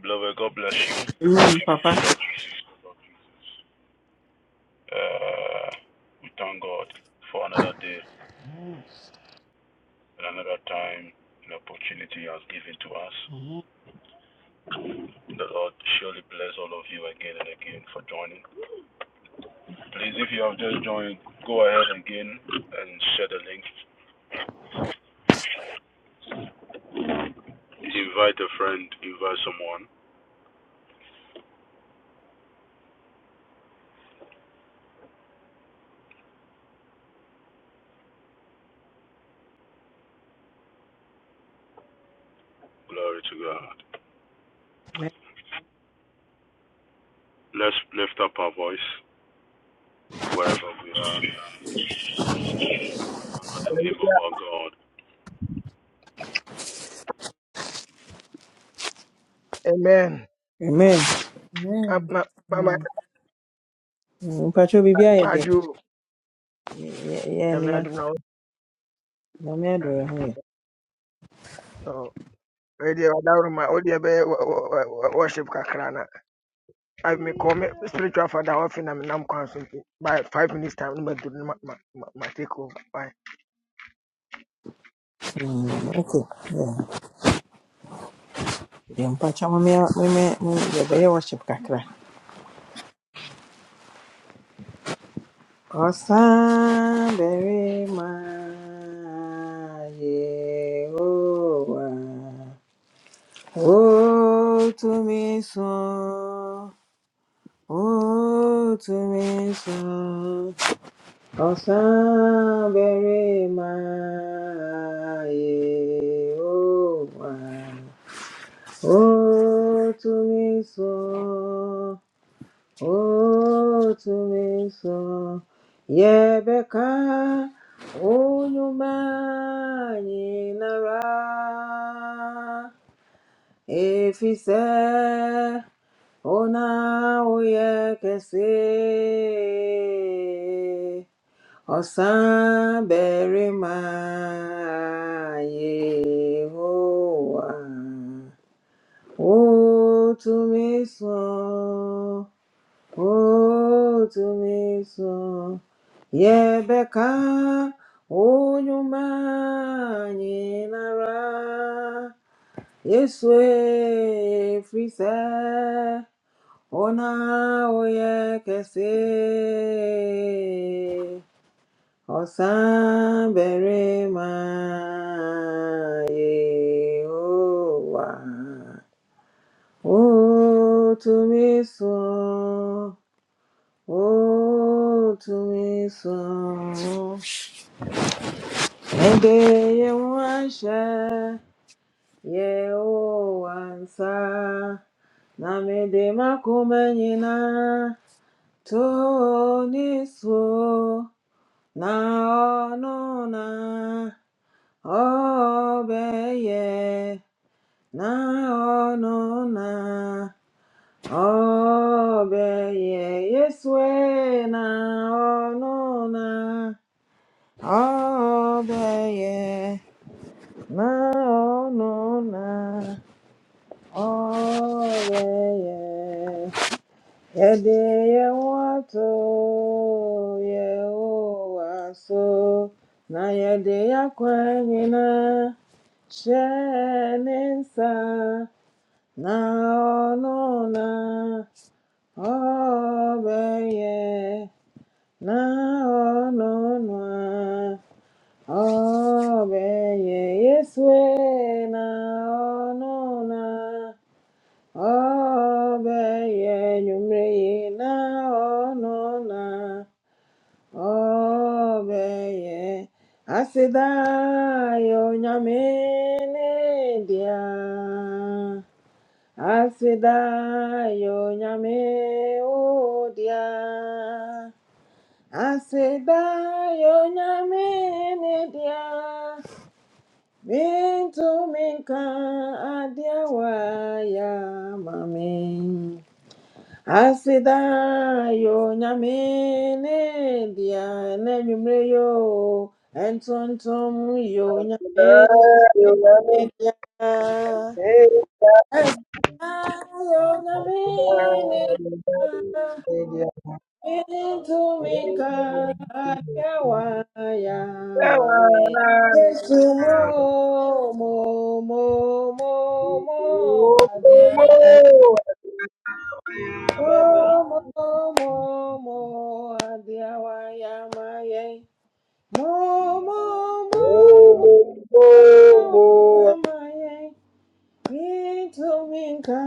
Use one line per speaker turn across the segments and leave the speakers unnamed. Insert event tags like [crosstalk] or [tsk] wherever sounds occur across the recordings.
Beloved, God bless you.
Amen, Papa.
Uh, we thank God for another day and another time and opportunity He has given to us. The Lord surely bless all of you again and again for joining. Please, if you have just joined, go ahead again and share the link. Invite a friend, invite someone. Glory to God. Let's lift up our voice wherever we are and honor the name of our God.
Amen.
Amen.
Ah,
Amen.
ma ma ma
Amen.
Mpacho bibi ayɛ
ma
deɛ
ju
yɛ
na me
nua
adu na wo.
nyame do yɛ
Ah,
ho yɛ.
So we dey oda room ma o dey be wo- wo- wo- worship kakra na. I me call me spiritual father of na me nam kwan so nti, by 5 minutes time no ma do no ma ma ma ma take over. Bye.
Mm, Okay. Yeah. Deɛ mpacho mame meme yɛbɛyɛ worship kakra. Ɔsan bɛrima to me so O to me so Ọ̀sán bẹ̀rẹ̀ máa yè ó wà. Ó tún mi sọ, ó tún mi sọ. Yebeka onyumanyinara efise ona oyekese Ọ̀sán bẹ̀rẹ̀ máa Yehowa, ó tú mi sọ, ó tú mi sọ. Yebeka onyemanyilara, Yesu efrise, ona oyekese. Ọ̀sán bẹ̀rẹ̀ máa yè ó wà. Ó tú mi sàn, ó tú mi sàn. Ẹ̀dẹ̀ yẹn wọ́n ṣẹ́, yẹ ó wà ń sá. Namede na toniso na Obeye na onu na Obeye Yeswe na onu na Obeye na onu na Obeye Ẹ̀dẹ̀ yewato wá so na yede akwa nyinaa na ɔno na ɔbɛyɛ na ɔno na ɔbɛyɛ Yesue na ɔno na. Ọbẹ̀yẹ nyumreyi na ọnụna ọbẹ̀yẹ asịdayo nyamenedia asịdayo nyame ụdịa asịdayo nyamenedia mintuminka adịawa ya mami. Asida yo nyame ne dia ne nwumre yo entontom yo nyame ne dia Asida yo nyame ne dia into minka adia ya mame Yesu mo mo mo mo mo adia
[laughs]
Mo,
Thank
mo, mo, mo, adiawayamaye. Mo, mo, mo, mo, adiawayamaye. Yɛntumi nka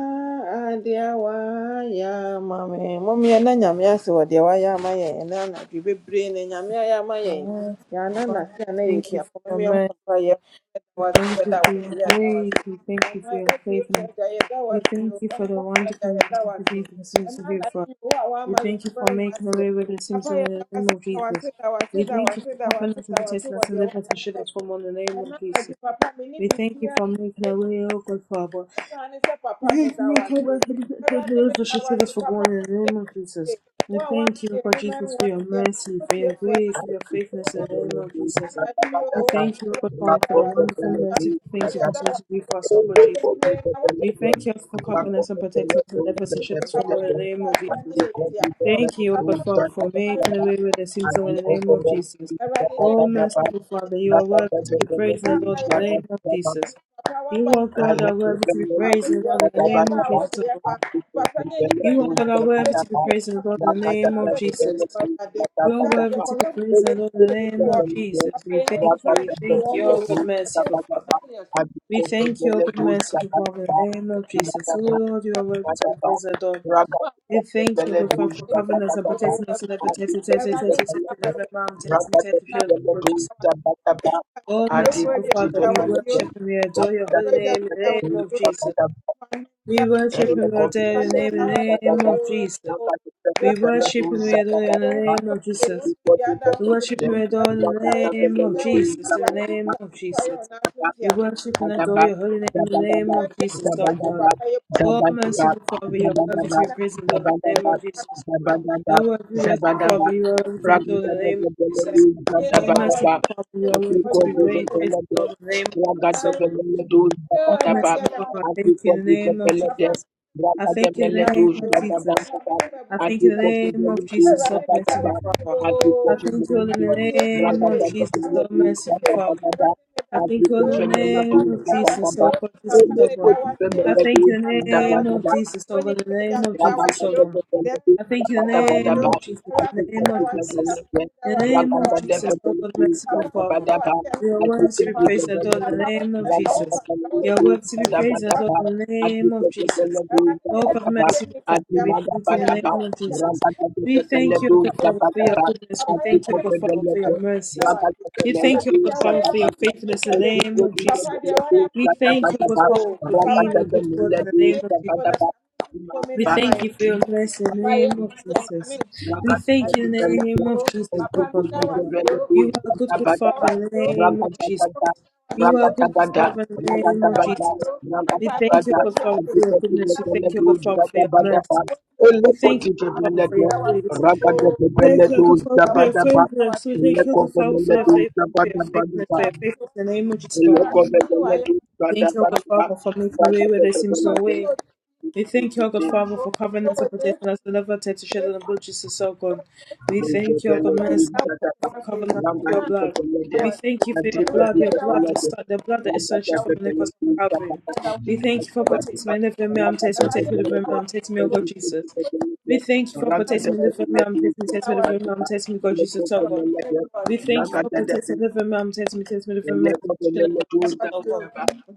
adeɛ a wayɛ ama me. Adiawaya na Nyame ase wɔ deɛ wayɛ ama yɛn ɛnnɛ anadwo bebree na Nyame ayɛ ama yɛn.
Father,
Yɛanna n'ase a na
thank you for
yɛtiafa.
your
Mɔmmea mmɔ
mercy.
mpaeɛ. Yɛda That
We
Was
Thank
yɛda
you
wo
for
ase,
your
yɛda wo
grace.
ase.
We thank you for your
Mpaebɔtiefoɔ
faithfulness.
agya, yɛda wo
We
ase o.
thank you for the
Ahummɔfoɔ agya,
wonderful
yɛda wo
mercy that
ase.
you continue
Ɛnnɛ
to do for
anadwo
us.
yi, wo a
We
woama yɛn
thank
no
you for making a way where there
Papa,
seems no way
yɛda
in the
wo
name
ase,
of
da wo ase,
Jesus.
da wo ase,
We
da wo
thank you
ase,
for
da wo
covering
ase,
us
da
and
wo ase
protecting
wɔ
us and
deɛ
living us
wayɛ
and
ama
shielding
wo.
us from all in the name
Ɛnnɛ
of Jesus.
papa, menni
We thank you for making a
biribiara
way, O God, Father.
Sane sɛ papa
Thank
meda wo
you,
ase.
Lord, for
Awurade
those who
meda wo
should
ase.
us for
Papa
born in the
yɛ
name of
yie.
Jesus. We
Wo a woama
thank you,
yɛn
Lord
nnwuma angu
Jesus, for your
ase, mma
mercy, for your
wotiefoɔ agye.
grace, for your faithfulness in
Ɛnkɔmmɔ
the
brɛ
name of
yɛn
Jesus.
anadwo yi o.
We thank you, Lord
Awurade,
Father,
yɛda
for the
wo
wonderful, merciful
ase.
things you
Yɛda
continue
wo
to do
ase.
for us, Lord
Woama yɛn
Jesus.
bebree na woayɛ
We
ama
thank you for
yɛn
covering us and protecting us and ever and shield us from
papa
all
yɛ
in the name of
ase ne
Jesus.
yɛ tiafoɔ
Thank you, O
papa
God
fɔ
Father, for
ma yɛ
making a way where there
bɛ
seems no
ne
way
yɛ
in the name of Jesus.
awurade ne yɛ
Oh, merciful Father, you are worthy to be
yie
praised and
papa
adored
yɛ
in the
ho
name of
you.
Jesus.
papa waba
You,
yɛ
O God,
Thank
are worthy to be
ho ba yɛ ho a
praised
wodi
and adored
ɛkɔ
in the
yɛ
name
ba
of
a
Jesus.
wodi
O Lord.
ɛba papa ne nipa
You, O God,
nyinaa na
are
epie
worthy to be
fifie kɔ
praised and adored in the
abɔnten yɛ
name
san
of
bɛ fie fi
Jesus.
ma awurade
You are worthy to be
I
praised and adored in the name of Jesus. We thank you, we thank you, O God, merciful Father. We thank you, O God, merciful Father, in the name of Jesus. O
you.
Lord, you are worthy to be
Rakata
praised and adored.
Rakata,
We thank you,
Pele
Lord, Father,
Dush,
for covering us and
Rakata,
protecting us so that protected,
Adika,
protected, protected,
Pele,
protected, November, and protected, protected,
Rakata,
protected, the
Pele
blood of
Dush,
Jesus.
Rakata,
Oh,
Adika,
merciful
Pele,
Father, we
Thank
worship and we adore your
you
Rakata,
holy
that
name in
Pele
the name
Dush,
of
you. Just
Jesus.
Rakata,
one
We
that
worship
Ele
and we adore
Kobi,
your
Pele
name in
Dush,
the name
Rakata,
of Jesus.
Rakata,
We
Pele
worship and
Dush,
we adore you
Rakata,
in
Adika,
the name of Jesus.
Pele
We worship and we adore in
Dush,
the
Rakata,
name of
Pele Dush,
Jesus, in the
Rakata,
name of Jesus. We worship and adore
Zabadaba,
your holy name in the name
zabadaba,
of Jesus, our God.
zabadaba,
Oh,
zabadaba,
merciful Father, you are worthy to
zabadaba,
be praised in the name
zabadaba,
of Jesus. O
zabadaba,
Lord, be merciful,
zabadaba.
Father, you are worthy to be God in the name of
Ragadadadadadadu,
Jesus. O merciful
zabadabadaba.
Father, you are worthy to be great, praise
Akikovivelelede,
God in the name of Jesus, O God.
ragadadadadadu,
O
zabadaba.
Thank
merciful Father, I
you.
thank you in the name of
Papa
Akikovivelelede,
me
Jesus. I thank you in the
da
ragadadadadu,
name of
wase,
Jesus.
papa me
zabadabadaba.
ne ma bu
I thank you in
da
the
wase.
name of
Akikoviveleledu,
Jesus, so
Ewurade me da
merciful
zabadaba.
wase
Father. I
ooo.
thank you all in
Akikoviveleledu,
the
Mpapo ti efu
name
eke,
of Jesus,
ewu
so
ragadadadadadu,
mu
merciful
eke.
Father.
zabadabadaba.
Ewurade me da
I thank you
wase
all
Africa
in
o,
the
family do da.
papa
name
Dues
me
of
da
Baba
Jesus,
wase
Baba.
so
o,
God, Jesus,
papa
Ele
so
me da
God.
Koti da
wase o,
I thank you in
papa
the
me
da
da
name
da
of
wase
da.
o.
Jesus, so
Oni
God,
bi
in the
ẹja
name
me
of
da
Jesus,
wase
so
o,
God.
dẹ́rẹ́
I
ẹja
thank
me
you in the
da wase o.
name of Jesus, in
Ewurade
the
me
name
da
of
wase, da
Jesus.
wase, da
In the
wase,
name
da
of
wase, da
Jesus, O God,
wase.
merciful Father.
Papa,
You are worthy to be praised and adored
deɛ
in the name of Jesus. You are worthy to be praised and adored in the name of Jesus. Oh God, merciful Father, we thank you in the name of Jesus. We thank you, O God Father, for your goodness. We thank you, O God Father, for your mercies. We thank you, O God Father,
wayɛ
for
ama
your
me na
faithfulness in the name of Jesus. We
ɛyɛ
thank
me
you, O God
so
Father, for
na
being a good God
ka
in the
me
name of
nsu
Thank you.
Jesus.
nkɔ me
We
ne
Rakata
thank
hwan.
you for your mercy in the
Papa, yeah,
name of
thank you. I'm coming.
Jesus. We thank
And
you in the
I
name of
know you.
Jesus, O
Papa,
God
that was
Father.
you.
You are a good, good
That
Father
was
in the
you.
name of
That
Jesus.
was
You
you. That was you.
are a good, good
And
Father
Papa,
in the
you for it.
name of Jesus. We
Papa,
thank you, O
you
God
for
Father,
it.
for your goodness. We
Papa,
thank you, O God Father, for your mercy.
That was you.
We thank you, Father, for your
That was
grace.
you.
Thank you, Uncle Father,
That
for
was
your
you.
faithfulness. We thank you, Uncle Father, for your faith, for your faithfulness, for your faithfulness in the name of Jesus. Christ. Thank you, Uncle Father, for making a way where there seems no way. We thank you, O God Father, for covering us and protecting us, deliver us to shed on the blood of Jesus, O God. We thank you, O God merciful Father, for covering us with your blood. We thank you for your blood, your blood, the st- the blood that is so shed from the cross of Calvary. We thank you for
Thank you.
protecting me, living me, I'm tasting me, taking
Ẹ̀wádé
me,
mi
living
dá
me,
wá
I'm
sí
tasting me, O
o.
God Jesus. We thank you for protecting me,
Ẹ̀wádé mi
living me, I'm tasting me,
dá
taking me,
wá
living
sí
me,
o.
I'm tasting me, God Jesus,
Dá
O
wá sí o. Dá wá
God.
sí o.
We thank you for protecting me,
Ragada
living me, I'm tasting me, taking me, living me, I'm tasting me, God
Dá
Jesus,
wá
O
sí o.
God.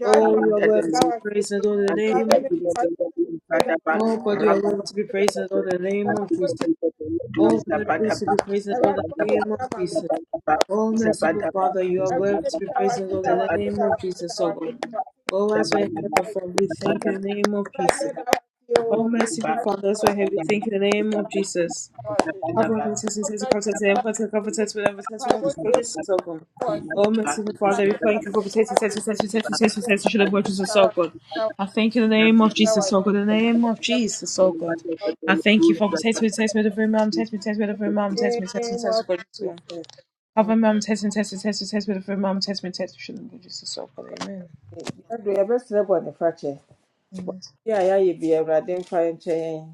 Oh, you are worthy to be praised, and all in the
and
name
people
of
who
Jesus.
don't know the impact of our
Oh God, you
rather
are worthy to be praised and Lord, in the name
and
of
people
Jesus.
who don't know do
Oh, worthy to
Zabadaba,
be praised and Lord, in the
Thank
Zabadaba,
name
you.
of Jesus.
Zabadaba,
Oh, merciful
Zabadaba,
Father, you are
Zabadaba,
worthy to be praised and Lord, in the
Zabadaba,
name of Jesus, oh God. Oh, as we
Zabadaba, Zabadaba,
have
Zabadaba,
performed, we thank you in the name of Jesus. Oh, merciful Father, as we have, we thank you in the name of Jesus. Cover and test and test and cover test and cover test cover test whatever test we just go just so good. Oh merciful Father, we pray and cover test and test and test and test and test and test and should have worked us so good.
Zabadaba, Zabadaba,
I thank you in the
Zabadaba,
name of
Zabadaba,
Jesus, so good. In the
Zabadaba,
name of Jesus, so good. I
Thank
thank you for test me, test me, the very mom,
you.
test me, test me, the very mom, test me, test me,
Name
test
of
me, God, Jesus, Lord.
Jesus. Mm.
Cover mom, test me, test me, test me, test me, the very mom, test me, test me, should have worked us so good. Amen.
Yɛbɛsrɛ bɔne fakyɛ.
Amen.
yɛ a yɛayɛ bi awurade mfa nkyɛ yɛn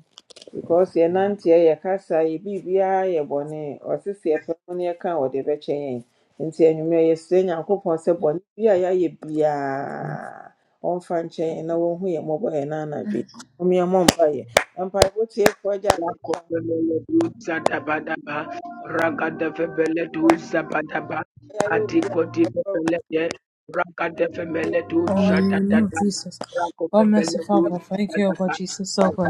because yɛnanteɛ yɛkasa yɛ biribiara yɛ bɔne ɔse sɛ yɛpɛ mu no yɛka a wɔde bɛkyɛ yɛn nti anwummerɛ yɛsrɛ nyankopɔn sɛ bɔne bi a yɛayɛ biara ɔmfa nkyɛ yɛn na wɔnhu a yɛde nyankopɔn
Zadabadaba,
yɛ
Ragadavebeledu Zabadaba,
yɛayɛ obiara ɛfɔ
Adikotivebelede, Ragadavemeledu
In the
Awurade
name of
Shadadada,
Jesus.
ho yɛn mmɔbɔ wɔn
Oh, mercy,
Rakovebeledu
yɛmfa
Father,
nkyɛ
thank you, oh God,
Zabadaba,
Jesus, oh
yɛn
God.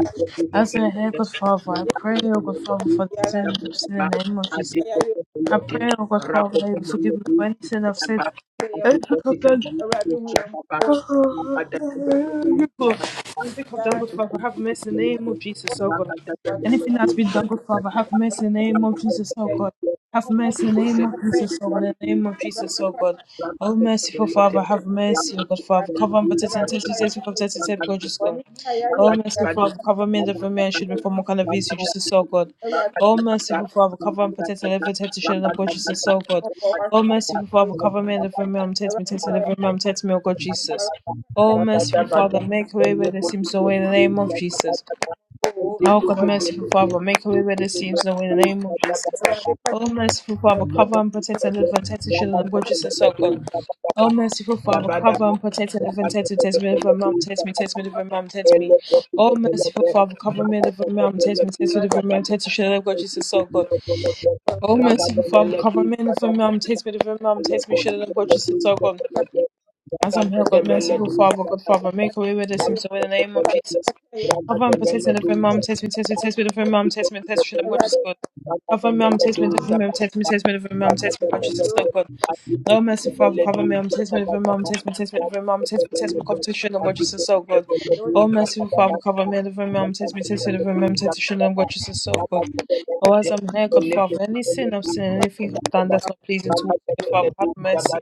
As I hear, God, Father, I
Yɛde
pray,
bɛhyɛ
oh God, Father,
Rakovebeledu
for the
biara da
sins of sin
Zabadaba,
in the
Awurade,
name of Jesus.
yɛayɛ
I
Adikotivebelede,
pray, oh God, Father, that you forgive me
Rakovebeledu
for any sin I've said,
Zabadaba,
obiara ɛfɔ yɛn mpa-
anything I've done
Adikotivebeledu
Awurade
Shadaba,
Oh
Ragadavebeledu
God,
Zabadaba,
we think of done, good
Thank
Father, have mercy in the name of
Adikotivebelede,
Jesus, oh God.
Thank
Anything that's been done, good Father, have mercy in the name of Jesus, oh God. Have mercy in the name of Jesus, oh God, in the name of Jesus, oh God. Oh, merciful Father, have mercy, oh God, Father. Cover and protect and test, test, we come test, test, test, God, just go. Oh, merciful Father, cover me and deliver me and shield me from all kind of evil, Jesus, oh
you.
God. O merciful Father, cover and protect and deliver, protect to shed and God Jesus, oh God. O merciful Father, cover me and deliver me, I'm me, protect and deliver me, I'm me, oh God Jesus. O merciful Father, make a way where there seems no way in the name of Jesus. Oh God, merciful Father, make a way where there seems no way in the name of Jesus.
Thank
Oh merciful Father, cover and protect and live and test the children of God, Jesus, oh God. Oh merciful Father, cover and protect and live and test me, test me, live and mom, test me,
you.
test me, live and mom, test me.
Thank
Oh merciful Father, cover me, live and mom, test me, test me, live and mom, test the children of God, Jesus, oh God.
you.
Oh merciful Father, cover me, live and mom, test
you.
me, live and mom, test me, children of God, Jesus, oh God. As I'm here, God, merciful Father, God, Father, make a way where there
In
seems no way in the name of Jesus. Cover and protect me, deliver me, mom, test me, test me, test me, deliver me, mom, test me, test me, I'm Jesus, God. Cover me, mom, test me, deliver me, mom, test me, test me, deliver me, mom, test me, conscious, Lord God. Oh, merciful Father, cover me. I'm tasting me, living mom, taste me, taste me, living mom, taste me, taste me, cover to shit, and God, Jesus, so good. Oh, merciful Father, cover me, deliver me. I'm taste me, taste me, living mom, taste me, shit, and God, Jesus, so good. Oh, as I'm here, God, Father, any sin
Thank
I've sinned,
you.
anything
Thank
I've done that's not pleasing towards you, God, Father, have mercy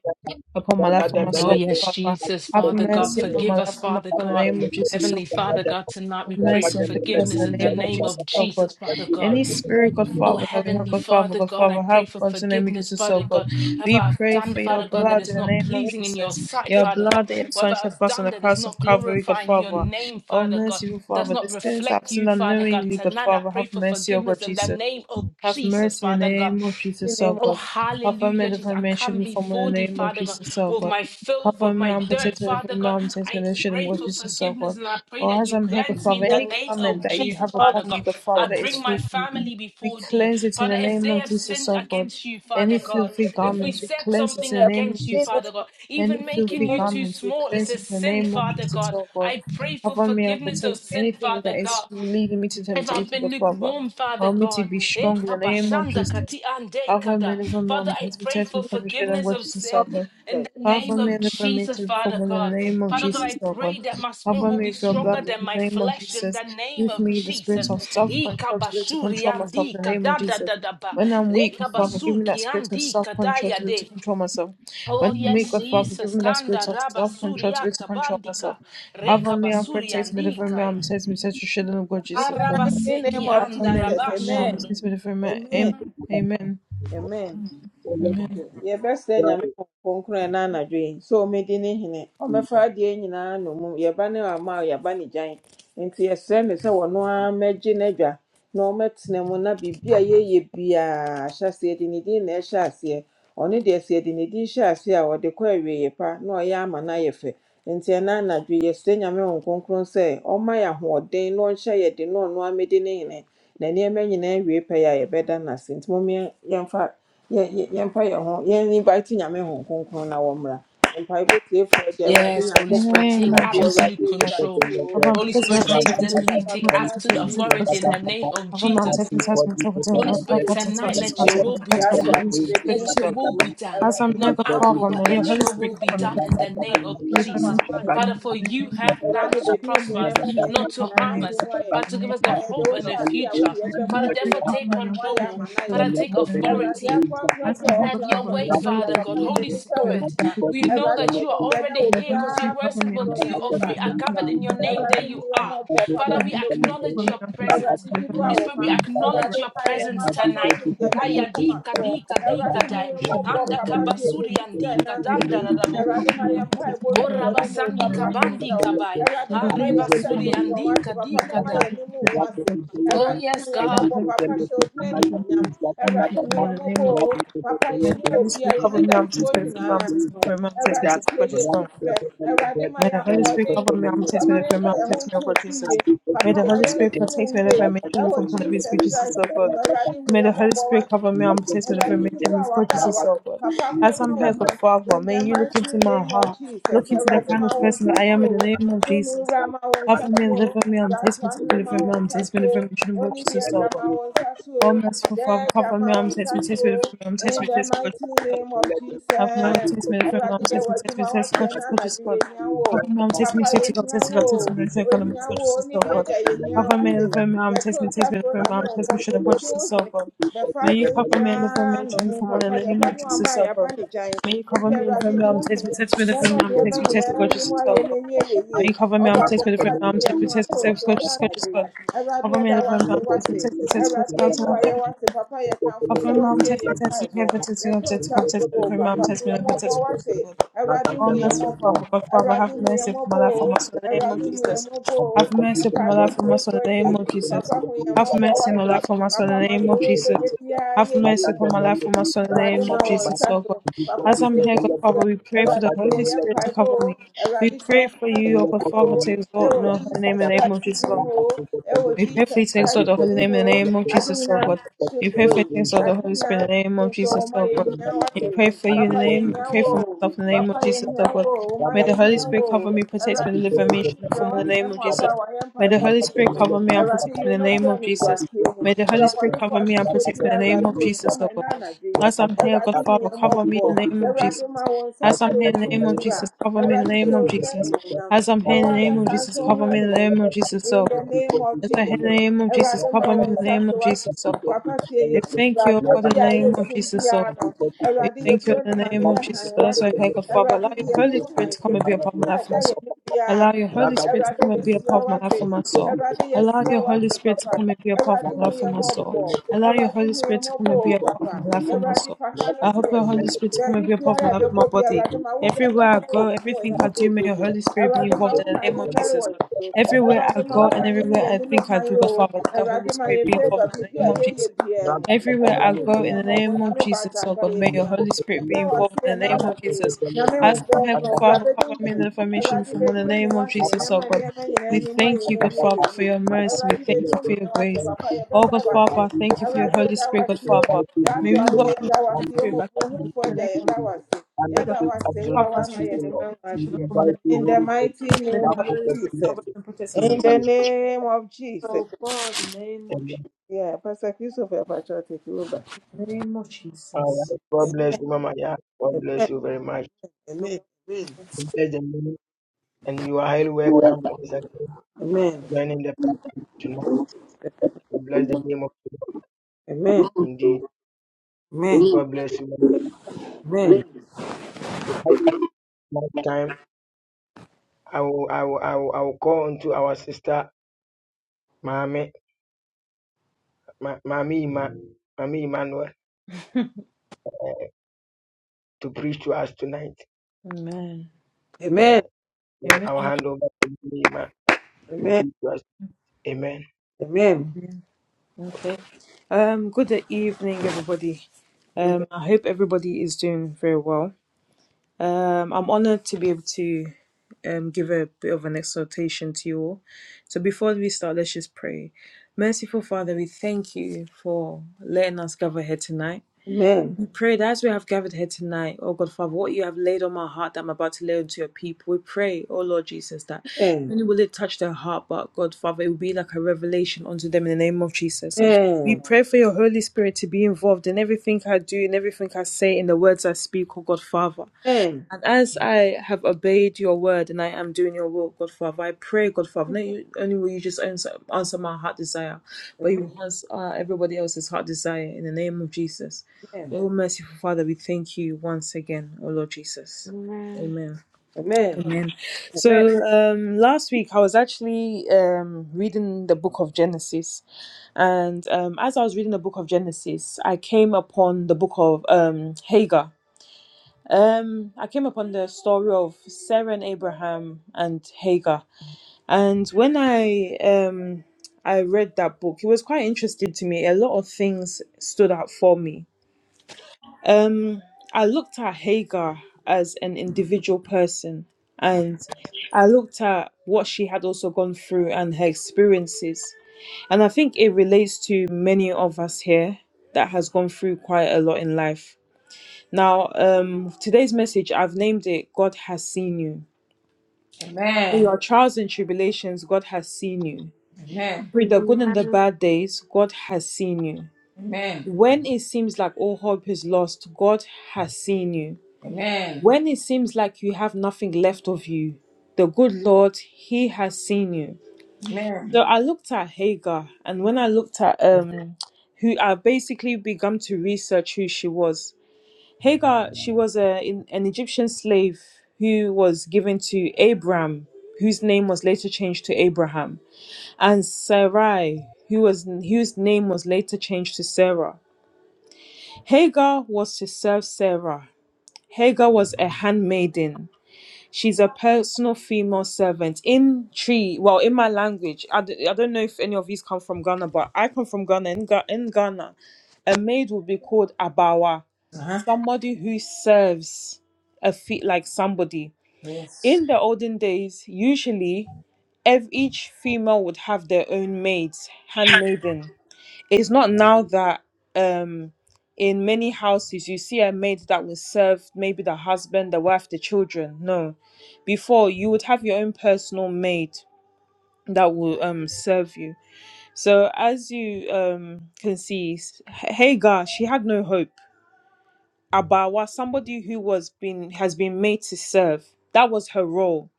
upon my life, for my
Oh,
soul,
yes,
God, Father.
Jesus,
Have
Father God,
mercy upon
forgive
my
us,
life, for my
Father
soul, in the
God.
name of Jesus,
Heavenly
so good.
Father God, tonight we
Have
pray
mercy
for
and forgive us
forgiveness
in
in
the
the
name of
name
Jesus,
of
oh
Jesus,
God.
Father God.
Any spirit, God
Oh,
Father, that we have,
Heavenly
God Father,
Father
God
God, I
Father,
pray
have
for
us in the name of
forgiveness,
Jesus, oh
Father
God.
God. Whatever
We
I've
pray
done,
for your
Father God, that
blood in
is
the
not
name of
pleasing in your
Jesus.
sight,
Your
Father God.
blood that your Son
Whatever
shed for
I've
us on
done
the
that is
cross
not
of Calvary, God
glorifying your
Father.
name,
Oh,
Father God,
merciful
does
Father, the
not
sins that I've
reflect you,
sinned
Father God.
unknowingly, God
Tonight I
Father,
pray
have
for
mercy, oh God
forgiveness in the
Jesus.
name of
Have
Jesus,
mercy in the
Father God.
name of Jesus, O
Oh,
God. Cover me
hallelujah,
and
Jesus. I
financial
come
reform in
before
the
thee,
name of
Father God,
Jesus, O
with
God.
my filth,
Cover
with
me
my
and
dirt,
protect me
Father
from my
God.
arms and
I
financial name
pray
of
for
Jesus, O
forgiveness
God.
and I pray
Or
that
as
you
I'm here, God
cleanse me
Father,
in the
any
name
garment
of
that you
Jesus,
have
Father
upon me,
God.
God Father,
I
that
bring
is
my
filthy,
family
we
before thee.
cleanse it in
Father,
the
if
name
they
of
have
Jesus,
sinned
O God.
against you,
Any
Father God,
filthy
if we
garment, we
said
cleanse it
something
in the name
against
of
you, Father
Jesus.
God,
Any
even making
filthy
you too
garment, we
small is
cleanse
a
it in the
sin,
name of
Father
Jesus,
God.
O God.
I pray for
Cover me and
forgiveness of
protect me.
sin,
Anything
Father
that is
God.
leading me to
If I've
temptation,
been
God Father,
lukewarm, Father
help me to
God,
be strong in the name of
Ekabashanda
Jesus.
kati ande
Cover me,
kada.
deliver
Father,
me,
I
and
pray
protect
for
me from the shade and
forgiveness
watch
of
Jesus, oh
sin
God.
in the name
Cover me,
of
and deliver me
Jesus,
to perform
Father
in the
God.
name of
Father God,
Jesus,
I
oh God.
pray that my spirit
Cover
will
me
be
with your
stronger
blood
than
in
my
the name of
flesh in
Jesus.
the name
Give
of
me the spirit
Jesus.
of self-control to be able to
Ikabashuri
control myself
andi
in the name of
kada da
Jesus.
da da ba.
When I'm weak, oh Father, give me that
Rekabasuki
spirit of
andi
self control to
kadaya
be able to
de.
control myself.
Oh
When I'm weak,
yes,
oh Father, give
Jesus.
me that spirit
Kanda
of
raba
self
suri
control to be able to control
akabandika.
myself. Cover me and
Rekabasuri
protect me, deliver me,
andika.
and protect me, set a shield of God, Jesus.
the
Cover
mighty
Arabaseki
name of
me,
Jesus,
deliver me, and
andarabaso.
protect
amen,
me, deliver me.
amen,
Amen. Amen.
amen.
Amen.
yɛbɛsrɛ
you.
nyame wɔ nkronkron na anadwo yi sɛ ɔmɛdi ne hene ɔmɛfa adeɛ nyinaa nnommum yɛba ne ama a yɛaba ne gyan nti yɛsrɛ no sɛ wɔno ara mmɛgye n'adwa na ɔmɛtena mu na biribi a yɛyɛ biaa hyɛ aseɛ de ne din na ɛhyɛ aseɛ ɔno deɛ sɛ yɛde ne din hyɛ aseɛ a ɔde kɔ ye pa na ɔyɛ ama no ayɛ fɛ nti ɛna anadwo yi yɛsrɛ nyame wɔ nkronkron sɛ ɔmma yɛ ahoɔden na ɔnhyɛ yɛde na ɔno ara mmɛdi ne hene na nneɛma nyinaa wie pɛ yɛ a yɛbɛda no ase nti mom yɛn- yɛmfa yɛ yɛ yɛmpa yɛn ho yɛn invite nyame ho kronkron na wɔmmra mpaebɔ tiefoɔ de awurade
Yes, Holy
In the
nyankopɔn
Spirit,
na
Thank
name
take
of
anadwo
Jesus.
awurade
absolute
invite
control.
yɛ o
Avant de
Holy
passer
nyame
à
ho
la
Spirit, take
prochaine
the
kronkron
séquence, je
lead,
vais
papa
vous
take
montrer
bɛpa
ce que
adeɛ
absolute
ne
c'est cette
authority
nyinaa
in the
question.
name
na
of
Avant de
awurade bɛdi
passer à
Jesus.
la
wo hene
prochaine séquence, je vais
Holy
papa
vous
Spirit,
montrer
bɛdi wo
ce que
tonight let your
hene
will
o
be
gyaa to
done.
ane bɛdi wo
Let your
hene
will
o
be done.
As I'm
awurade
here,
Not
bɛpa
God
our
adeɛ
will,
Father,
but
may your
let
Holy
your
Spirit
will be
cover me,
done in the
protect me,
name of
deliver me,
Jesus.
and shield
Father, for
the
you
name of
have
Jesus.
Awurade
plans to
bedi wo
prosper
May the
hene
us,
ma
Holy
nneɛma
not
Spirit
to
cover
nyinaa
me
harm
and
us,
anim
protect
ayɛ
me
but
in
to
the
give
name
us
papa
the
of
yɛde
hope
wo
and
Jesus.
hyɛ
the
be a
future.
wode
May the
yɛbɛkɔ
Father,
Holy
you.
Spirit
awieeɛ
therefore
help
take
papa
me
na
not to
woayɛ
take the
control. oh.
ama no ayɛ
Thank
Father,
fɛ
information
take
in the name of
awurade
Jesus.
authority.
akorakora
As
bi
I
a ɔwɔ
have
Have
a
your
problem,
platform
may
yi
way,
the
so
Holy
bia
Father
Spirit
papa
God.
help me
yɛde
Holy
to
ne
take
hyɛ wo
with the
Spirit,
nsa
information
we
before this
know
is
awurade
that
wo
you
over.
hu
are
deɛ ɛda
already
wɔ
May the
here
Holy
because your
biara
Spirit
word
help
koma
says,
me and
so
But two
protect
nyame
or
the
three are
information
baasamba
gathered in your
before the
name,
name
there
of
awurade hu
you
Jesus
yɛ
are.
Christ.
mmɔbɔ
May
papa
Father,
the
we
Holy
deɛ
Spirit help
wo
acknowledge
me
your
and
I
protect
awurade
and
presence.
di
deliver
boa
me
Holy
wo
Spirit, we
ma
from the
acknowledge
awurade
wrath
your
of
kae
the
wo ma
presence
enemy.
papa wo
tonight.
May
hu
the
deɛ
Holy
ɛda yɛ
Spirit
Kaya di
koma
help me
soɔ
kadi
and protect
kadi
and
Awurade
deliver
hu
me
kadai
yɛn mmɔbɔ
from
anda
all in
papa
the
tie
name of
yɛ
kabasuri
fi
Jesus.
sɛ
andi
na
May the
anadwo
kadanda
yi.
Holy
radabo
Spirit
Awurade
cover
ma
me
yɛn
and protect
mpaebɔ
and deliver me
nnu
with
goraba
admission
w'anim
from
o
someone
sandi
in
papa
the name of
mesrɛ
kabandi
wo.
Jesus.
kabai
Awurade
May the
mɛma
Holy
areba
yɛn
Spirit
nsa
suri
cover
mfi
me
fa
and
andi
w'ase
protect and
papa
kadi
deliver
mɛma
me with
yɛn
kadai.
admission
anim ngu ase.
from the name of
Oh
you
Awurade
Jesus.
hu
yes,
yɛn
May
God.
the
every
mmɔbɔ
Holy
single
papa
thing
Spirit
hyɛ wo
cover
din
about your
animuonyam.
me
things that are
and remove
bad
Awurade
me
and
hu
from all
bad.
yɛn
the
mmɔbɔ
name of
Right at
o
the
papa
bottom
May
of
yɛne
the
that,
Holy
wɔ bia
Spirit
yɛne
cover
every
me,
da
single
I'm
thing
soɔ
tensed, the firm
about
arm
nyinaa
your
tensed,
things
may
no.
the
that
firm arm
are
tensed, may
Awurade
bad.
Jesus,
tie
God
yɛ
Right
Jesus,
at the
sufrɛ.
bottom of
Awurade
that,
ma
May the
yɛn
Holy
and the
Spirit
ahoɔden.
bottom
cover me,
of
I'm
your
Papa
tensed, may
ma
the
things that
firm
yɛmfa
arm
are
yɛn ho
bad.
tensed, may
nto wo
God
fie.
Jesus.
Every single
May
thing
the
Papa
about
ma
Holy
your
Spirit
yɛnsom
things.
protect me,
wo
deliver
yie.
me,
Right at
shield
the
me
Ɛwɔ
from all
bottom
of
of your
his
Jesus
things
Jesus,
Christ
that
oh
are
din mu.
God.
bad and
Awurade
bad.
hu
May
yɛn
the Holy
mmɔbɔ
Spirit cover me, I'm
Right at
tensed,
the
may the
bottom
firm
Awurade
me.
of
tensed,
that,
dodo
may
a
God
waba
right
a
at the
wa
Jesus, oh
bottom of
God.
papa
your things
come
As
ma
I'm
that are
here,
wɔn
bad. Right
God
at
Father,
in the
may you look
mighty
into my
name of
heart,
Jesus
look
the
into the
Awurade
kind
ma
of
wɔn
person
bottom of your things that are bad. Right at the bottom of
nsa
that I am in
so
the
o
name of
tumi
Jesus.
wura ma wɔn nsa
Cover me
so
and
o
deliver me, And am me. may the
yasọ
firm arm tensed,
ahene
may the
ma
firm
wɔn
arm
nsa
tensed, may
so
the
o oni bi
Jesus, oh
ɛga
God.
ma
your
wɔn nsa so o
O merciful
dɛɛ
Father,
ɛga
cover
ma
me, I'm
wɔn
test me,
things
so
test me, I'm
that are
test
bad.
in
me,
the
test me,
mighty name of
Help me, I'm
Jesus
test me, I'm
Awurade yɛ
test
wɔ
me,
to
test me, test God,
w'ateɛ na
just God,
anadwo
just
yɛ
God.
do wo o
Cover me, I'm test me,
papa
test me,
yɛ
God,
hia
test me, God,
wo o
test me, test me, God, I'm
ohia
test me,
wo o
test
oni bi
God.
ɛgya yɛ hia
Cover me,
w'ate
deliver me, I'm
yɛto
test me, test
nsa
me,
so
from
nyame
I'm test me, should I
nkonko
watch
bɛdi wo
this, oh God.
bɛfa
May
deɛ
you cover me, deliver
nyinaa
me,
na
should me
ɔho
from one
papa
in the name
yɛba
of
ne wama
Jesus,
a
oh
yɛaba
God.
ne gyan
May you cover
nti
me, deliver
awurade
me,
di wo
I'm test
hene
me, test me,
na
deliver
ma
me, I'm
nneɛma
test me, test me,
nyinaa
God,
anim
Jesus,
ayɛ
oh God.
n'ani yɛ yie
May you cover me,
ɔbɔ
I'm test me,
atamfo
deliver
a
me,
Thank
yɛde
I'm
yɛn
test me,
ho
test me,
ato
test me,
osuo
God,
na
you.
Jesus, God, Jesus,
anadwo yi
God.
awurade
Cover me,
ɛda
deliver me,
wase
I'm test me,
Thank
wate
test me, test me,
awurade
God,
ayi
test me, test
wayɛ wase papa yɛkamfo
of
sɛ
my mom,
watie
test me,
yɛn
test me,
mpaebɔ
heaven, test me, have
yɛto
test me,
nsa
come
frɛ
test
wɔ
me, of
wo
my
papa
mom,
hu
test me,
yɛn
never
mmɔbɔ
test me, have test
wate
me.
awurade
Oh,
hu yɛn
merciful
mmɔbɔ
Father, God, Father,
awurade hu
have
yɛn
mercy upon my
mmɔbɔ
life, for
o
my son, in the name
awurade
of
hu yɛn
Jesus.
mmɔbɔ o
Have mercy upon my
mpaebɔ
life, for my son, in
tiefoɔ
the
de
name of Jesus.
papa hu yɛn
Have
mmɔbɔ
mercy on my
wate
life, for my son,
Papa
in the name
Macho,
of
we
Jesus.
be behind
Have
you.
mercy upon my life, for my son, in the
Awurade
name
ma
of
wɔn
Jesus,
nsa
oh God.
so. Papa
As I'm
tie wo
here, God,
sufrɛ.
Father, we pray for the
Awurade tie
Holy
yɛn
you.
Spirit to
mpaebɔ
cover me.
o.
We
Awurade hyɛ
pray
wɔn
for
Thank
you, oh God,
animuonyam
Father,
o.
to exalt in
Ɛwɔ
the holy name,
Jesus
in the name of
Christ
Jesus,
din
oh God.
mu o. Ɛwɔ
We pray for you,
Jesus
thanks, Lord,
Christ
the holy
din
name,
mu
in the
o.
name of
Ade
Jesus, oh
nyinaa
God.
to
We pray
mfo
for you,
yi.
thanks, Lord, the
Ade
Holy Spirit, in
nyinaa
the name
to
of
mfo yi.
Jesus, oh
Wɔma
God.
yɛhia
We
w'ate.
pray for you in the
Papa
name,
yɛhia
pray
wo
for
o.
myself, in the name of
Papa
Jesus, oh
yɛhia wo
God.
o. Wɔma
May the Holy
yɛhia wo
Spirit cover
o.
me, protect me,
Awurade
deliver
tie wo
me, shield me
sufrɛ.
from all in the
Woatena
name of
mu aba
you.
Jesus.
a wayɛ
May the
mpaebɔ no
Holy
mu
Spirit
no.
cover me and
Awurade
protect
yi
me in the name
womɛkyerɛ
of
no
Jesus.
nkwagyeɛ mu.
May the Holy
Deɛ
Spirit
ɔbɔnefoɔ
cover me and
ahyehyɛ
protect me in
biara,
the name
Awurade
of
yɛtwa
Jesus,
mu
oh God.
ɛnnɛ anadwo yi.
As I'm here,
Awurade
God
hu
Father,
yɛn
cover me
mmɔbɔ.
in the name of
Awurade
Jesus.
ma wɔn nsa
As
so
I'm here in the
tumi
name of
wura.
Jesus, cover me in the
Awurade
name
hyɛ
of
wɔn ho
Jesus.
animuonyam.
As I'm
Hyɛ
here in
wɔn
the name of
ankasa nso
Jesus,
ho
cover me in the
animuonyam.
name of Jesus,
In
oh
the
God.
name of
As I in the
Jesus.
name of Jesus,
Awurade ma
cover me in
wɔn
the
nsa
name
so
of
wɔate.
Jesus, oh God.
Papa tie
We
Yesu firi
thank you, oh
adeɛ
God,
bi
in the
a
name
yɛ
of
sum
Jesus, oh
biara no.
God. We
Awurade
thank you
yɛburo
in
no
the
ma ne
name
yɛ
of Jesus.
hann
God. That's why I
wɔate.
pray, God, Father, allow
Awurade di
your
yɛn
Holy
anim
Spirit
hann.
to come and be
Esum
upon my
biara a
life
ɛda
and my
yɛn
soul.
anim biara
Allow your Holy
no.
Spirit to come
Awurade
and be
mesrɛ
Ragada
upon
wo
my life
Thank
and
ate.
my soul.
Awurade
Allow
yɛsrɛ
your
wo
Holy
ate
Spirit to
papa.
come and be
Everybody,
upon
Awurade
my
hu
life and
yɛn
my soul.
mmɔbɔ,
Allow your
everybody,
Holy
hu yɛn
Spirit to
mmɔbɔ
come and be
o
upon
papa,
my life and my
everybody,
soul.
fa ha no
I
to
hope
yɛ
your
so,
Holy Spirit to come and
baabi
be upon my
biara a
life and my
ɛbɛkɔ bi
body.
Awurade ma wo yɛ no
Everywhere I
yɛ
go,
yɛn ho,
everything
yɛn ho
I do, may your
bebrebe.
Holy Spirit be
Ẹ̀rọ̀dé máa
involved in
wọ́n
the
máa
name
ní
of Jesus.
mẹ́rìnwó èso.
Everywhere
Ẹ̀rọ̀dé
I
máa
go
wọ́n
and
máa ní ní
everywhere
yẹn
I
nínú
think I
kan
do,
yìí
God
o.
Father, let the Holy
Ẹ̀rọ̀dé máa yẹ
Spirit be
fẹ́gà
involved in
bí
the
bí
name of
ẹ̀yẹ yẹ
Jesus.
bí ẹ̀ mọ̀.
Everywhere I
Ẹ̀rọ̀dé hu
go, in
yẹn
the
mọ̀ bọ̀
name
you.
of
nyàmé bá
Jesus, oh
jàǹkà
God,
yẹ
may
bí
your
ẹ̀ mọ̀.
Holy Spirit
Yẹ̀dá
be
wá
involved
sí ẹ̀
in the
náà
name of
làgbé yìí.
Jesus.
Nyàmé
As I'm
nǹkan
here,
kan
God
ọ̀bùrà
Father,
bẹ́ẹ̀ dín
cover me in
hìnì.
the formation
Ẹ̀rọ̀dé
from
bẹ́ẹ̀
in the
dín hìnì
name
wá
of
sí
Jesus, oh
ẹ̀nẹ́mà ní
God.
ẹ̀mẹ́ nyìnà
We
ẹni mú ayé
thank you,
ní
God
ẹ̀yẹ yẹ
Father, for
yìí.
your mercy. We
Ẹ̀rọ̀dé bẹ́ẹ̀
thank
dín
you for your
wá sí
grace.
pàpà yẹ bẹ́ẹ̀
Oh
dá
God
wá
Father,
sí.
I thank you for your
Ẹ̀rọ̀dé
Holy
dá wá
Spirit, God
sí o.
Father. May
Yàtọ̀
we
àmì yẹ
welcome
dá wá
the Holy
sí o.
Spirit
Mo
back
bu
in
ohun
the
fọjà
name
yẹ
of Jesus.
dá wá sí. Yẹ
May the
wá
Holy
sí.
Spirit
Wà
cover
wá
us,
máa
protect
yẹ
us,
ní
and protect us
mọ́
from the name
in
of
the mighty
Jesus. May the
name of
Holy Spirit
Jesus.
cover us and protect us.
In the name of Jesus.
So far, in the name of Je-
Yeah, Pastor Christopher, Pastor, take you over.
name of Jesus.
God bless you, Mama. Yeah, God bless you very much.
Amen. Amen.
Bless the name, and you are highly welcome once again.
Amen.
joining the platform tonight. We bless the name of the Lord
Amen.
indeed.
Amen.
God bless you. Next time, I will, I will, I will, I will call unto our sister, Mami, Ma- Mami, Ima, Mami Emmanuel, to preach to us tonight.
Amen.
Yeah,
Amen. Amen.
yeah,
Amen.
I will hand over to Mami Ima to
Amen.
preach to us. Amen.
Amen.
Amen. Okay. Um. Good evening, everybody. Um. I hope everybody is doing very well. Um. I'm honored to be able to um give a bit of an exhortation to you all. So before we start, let's just pray. Merciful Father, we thank you for letting us gather here tonight.
Amen.
We pray that as we have gathered here tonight, oh God, Father, what you have laid on my heart that I'm about to lay onto your people. We pray, oh Lord Jesus, that
Amen. Amen.
not only will it touch their heart, but God, Father, it will be like a revelation unto them in the name of Jesus. We
Amen.
pray for your Holy Spirit to be involved in everything I do, in everything I say, in the words I speak, oh God, Father.
Amen.
And as I have obeyed your word and I am doing your will, God Father, I pray, God Father, not you- only will you just answer, answer my heart desire, but you will answer uh, everybody else's heart desire in the name of Jesus. Oh, merciful Father, we thank you once again, oh Lord Jesus.
Amen.
Amen.
Amen.
Amen.
Amen.
So um, last week I was actually um, reading the book of Genesis, and um, as I was reading the book of Genesis, I came upon the book of um, Hagar um, I came upon the story of Sarah and Abraham and Hagar, and when I um I read that book, it was quite interesting to me. A lot of things stood out for me. Um, I looked at Hagar as an individual person, and I looked at what she had also gone through and her experiences, and I think it relates to many of us here that has gone through quite a lot in life now, um, today's message, I've named it God Has Seen You. Through your
Amen.
trials and tribulations, God has seen you. Through the
Amen.
good and the bad days, God has seen you.
Amen. Amen.
When it seems like all hope is lost, God has seen you.
Amen.
When it seems like you have nothing left of you, the good Lord, He has seen you. So
Amen.
I looked at Hagar, and when I looked at um, who I basically began to research who she was, Hagar, she was a, in, an Egyptian slave who was given to Abram, whose name was later changed to Abraham, and Sarai, who was, whose name was later changed to Sarah. Hagar was to serve Sarah. Hagar was a handmaiden. She's a personal female servant in tree. Well, in my language, I, d- I don't know if any of these come from Ghana, but I come from Ghana. In, Ga- in Ghana, a maid would be called Abawa
Uh-huh.
somebody who serves a fe- like somebody
Yes.
in the olden days usually ev- each female would have their own maids handmaiden it's not now that um in many houses you see a maid that will serve maybe the husband the wife the children no before you would have your own personal maid that will um serve you so as you um can see S- hagar she had no hope Abawa, somebody who was been has been made to serve. That was her role.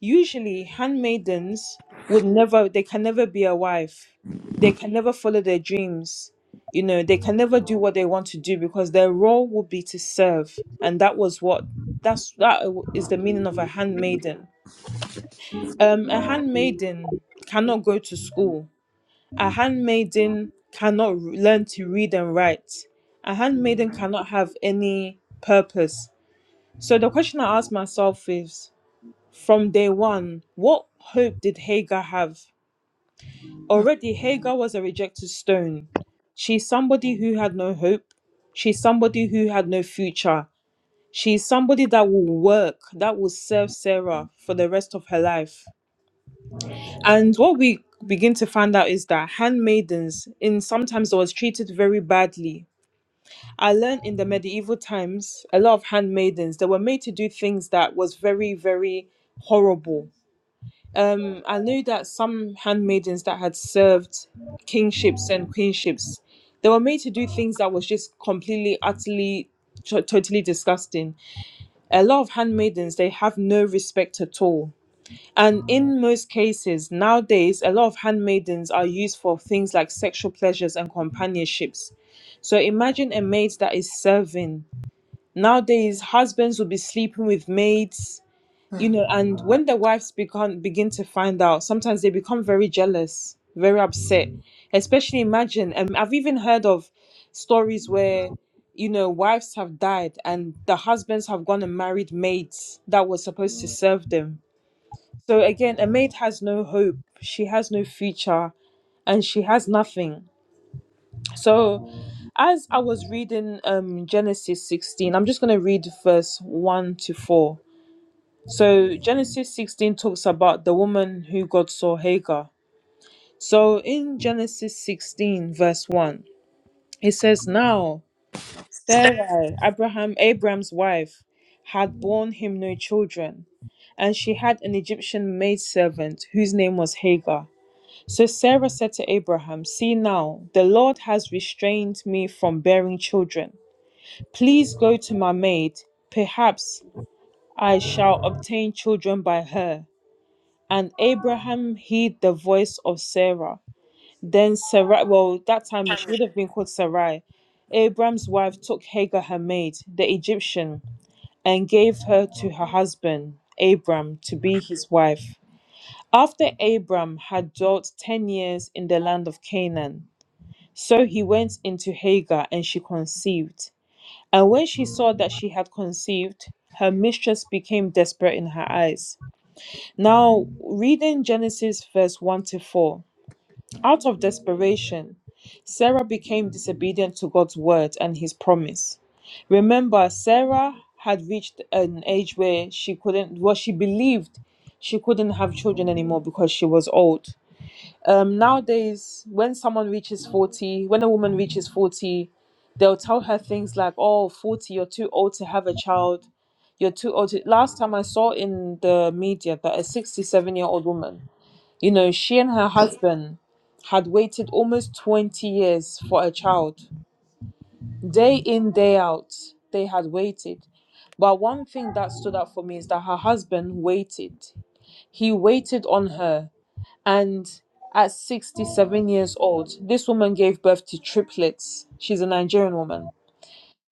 Usually, handmaidens would never they can never be a wife. They can never follow their dreams. You know, they can never do what they want to do because their role would be to serve. And that was what that's that is the meaning of a handmaiden. Um a handmaiden cannot go to school. A handmaiden cannot r- learn to read and write. A handmaiden cannot have any purpose so the question I ask myself is from day one, what hope did Hagar have? Already, Hagar was a rejected stone. She's somebody who had no hope. She's somebody who had no future. She's somebody that will work, that will serve Sarah for the rest of her life. And what we begin to find out is that handmaidens in sometimes was treated very badly I learned in the medieval times a lot of handmaidens they were made to do things that was very very horrible. Um, I knew that some handmaidens that had served kingships and queenships, they were made to do things that was just completely utterly t- totally disgusting. A lot of handmaidens they have no respect at all. And in most cases nowadays, a lot of handmaidens are used for things like sexual pleasures and companionships. So imagine a maid that is serving Nowadays, husbands will be sleeping with maids, you know, and when their wives become begin to find out, sometimes they become very jealous, very upset. Especially imagine, and I've even heard of stories where, you know, wives have died and the husbands have gone and married maids that were supposed to serve them. So again, a maid has no hope, she has no future, and she has nothing. So, as I was reading um, Genesis 16, I'm just going to read verse 1 to 4. So, Genesis 16 talks about the woman who God saw Hagar. So, in Genesis 16, verse 1, it says, Now Sarah, Abraham, Abraham's wife, had borne him no children, and she had an Egyptian maidservant whose name was Hagar. So Sarah said to Abraham, See now, the Lord has restrained me from bearing children. Please go to my maid. Perhaps I shall obtain children by her. And Abraham heed the voice of Sarah. Then Sarai, well, that time she would have been called Sarai. Abraham's wife took Hagar, her maid, the Egyptian, and gave her to her husband, Abram, to be his wife. After Abram had dwelt ten years in the land of Canaan, So he went into Hagar, and she conceived. And when she saw that she had conceived, her mistress became desperate in her eyes. Now, reading Genesis verse 1 to 4, out of desperation, Sarah became disobedient to God's word and his promise. Remember, Sarah had reached an age where she couldn't, well, she believed she couldn't have children anymore because she was old um, nowadays when someone reaches 40 when a woman reaches 40 they'll tell her things like oh 40 you're too old to have a child you're too old to... last time i saw in the media that a 67 year old woman you know she and her husband had waited almost 20 years for a child day in day out they had waited but one thing that stood out for me is that her husband waited he waited on her and at 67 years old, this woman gave birth to triplets. She's a Nigerian woman.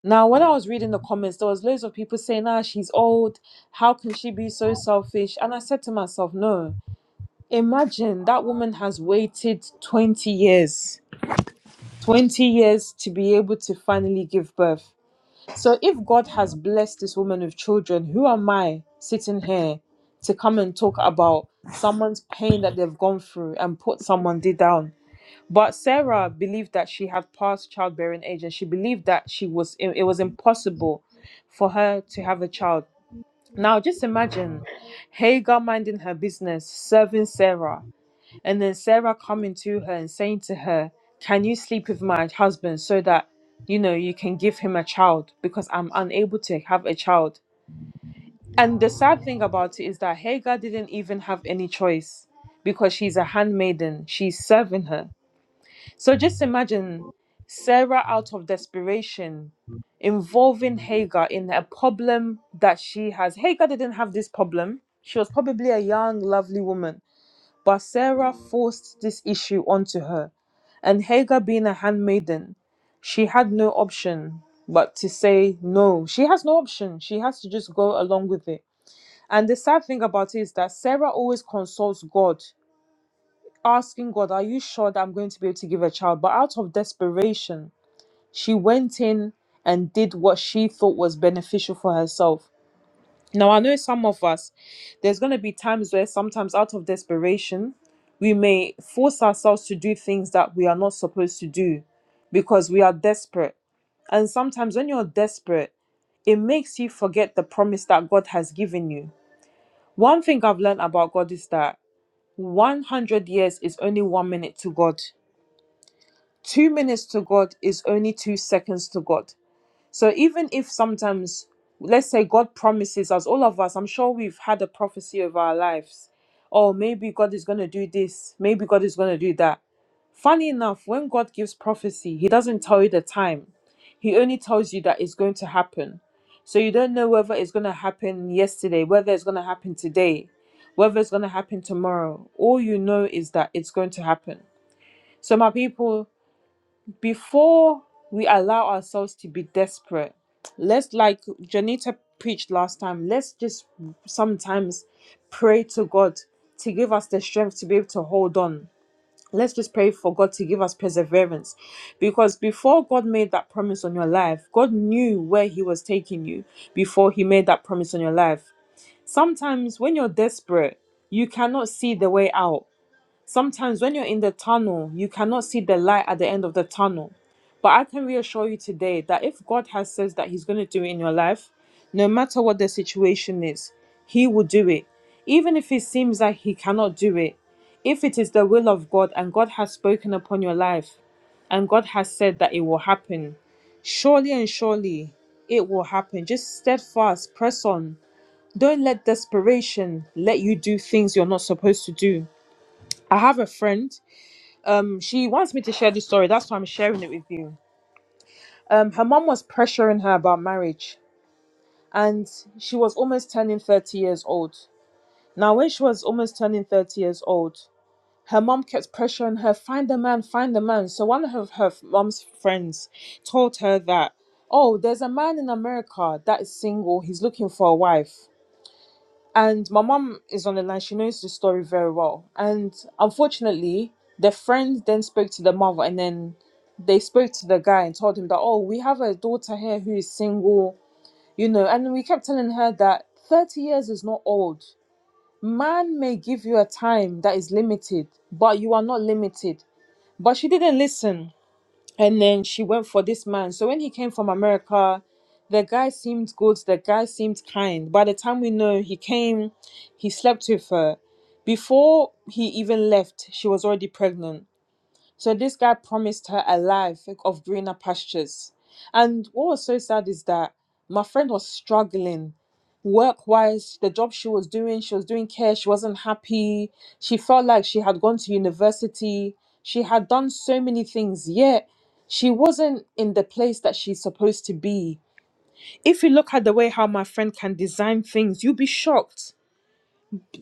Now, when I was reading the comments, there was loads of people saying, ah, she's old. How can she be so selfish? And I said to myself, no. Imagine that woman has waited 20 years, 20 years to be able to finally give birth. So if God has blessed this woman with children, who am I sitting here to come and talk about someone's pain that they've gone through and put someone down? But Sarah believed that she had passed childbearing age, and she believed that she was it, it was impossible for her to have a child. Now, just imagine Hagar minding her business, serving Sarah, and then Sarah coming to her and saying to her, "Can you sleep with my husband so that you know you can give him a child because I'm unable to have a child." And the sad thing about it is that Hagar didn't even have any choice because she's a handmaiden; she's serving her. So just imagine Sarah out of desperation involving Hagar in a problem that she has. Hagar didn't have this problem. She was probably a young, lovely woman, but Sarah forced this issue onto her. And Hagar, being a handmaiden, she had no option but to say no. She has no option. She has to just go along with it. And the sad thing about it is that Sarah always consults God, asking God, Are you sure that I'm going to be able to give a child? But out of desperation, she went in and did what she thought was beneficial for herself. Now, I know some of us, there's going to be times where sometimes out of desperation, we may force ourselves to do things that we are not supposed to do because we are desperate. And sometimes when you're desperate, it makes you forget the promise that God has given you. One thing I've learned about God is that 100 years is only one minute to God, two minutes to God is only two seconds to God. So even if sometimes, let's say God promises us, all of us, I'm sure we've had a prophecy of our lives. Oh, maybe God is going to do this. Maybe God is going to do that. Funny enough, when God gives prophecy, He doesn't tell you the time. He only tells you that it's going to happen. So you don't know whether it's going to happen yesterday, whether it's going to happen today, whether it's going to happen tomorrow. All you know is that it's going to happen. So, my people, before we allow ourselves to be desperate, let's like Janita preached last time, let's just sometimes pray to God to give us the strength to be able to hold on. Let's just pray for God to give us perseverance. Because before God made that promise on your life, God knew where He was taking you before He made that promise on your life. Sometimes when you're desperate, you cannot see the way out Sometimes when you're in the tunnel, you cannot see the light at the end of the tunnel. But I can reassure you today that if God has says that he's going to do it in your life, no matter what the situation is, he will do it. Even if it seems like he cannot do it, if it is the will of God and God has spoken upon your life and God has said that it will happen, surely and surely it will happen. Just steadfast, press on. Don't let desperation let you do things you're not supposed to do. I have a friend. Um, she wants me to share this story. That's why I'm sharing it with you. Um, her mom was pressuring her about marriage, and she was almost turning 30 years old. Now, when she was almost turning 30 years old, her mom kept pressuring her, find a man, find a man. So one of her mom's friends told her that, oh, there's a man in America that is single. He's looking for a wife. And my mom is on the line. She knows the story very well. And unfortunately, the friend then spoke to the mother, and then they spoke to the guy and told him that, oh, we have a daughter here who is single, you know. And we kept telling her that 30 years is not old. Man may give you a time that is limited, but you are not limited. But she didn't listen and then she went for this man. So when he came from America, the guy seemed good, the guy seemed kind. By the time we know he came, he slept with her. Before he even left, she was already pregnant. So this guy promised her a life of greener pastures. And what was so sad is that my friend was struggling work wise the job she was doing she was doing care she wasn't happy she felt like she had gone to university she had done so many things yet she wasn't in the place that she's supposed to be if you look at the way how my friend can design things you'll be shocked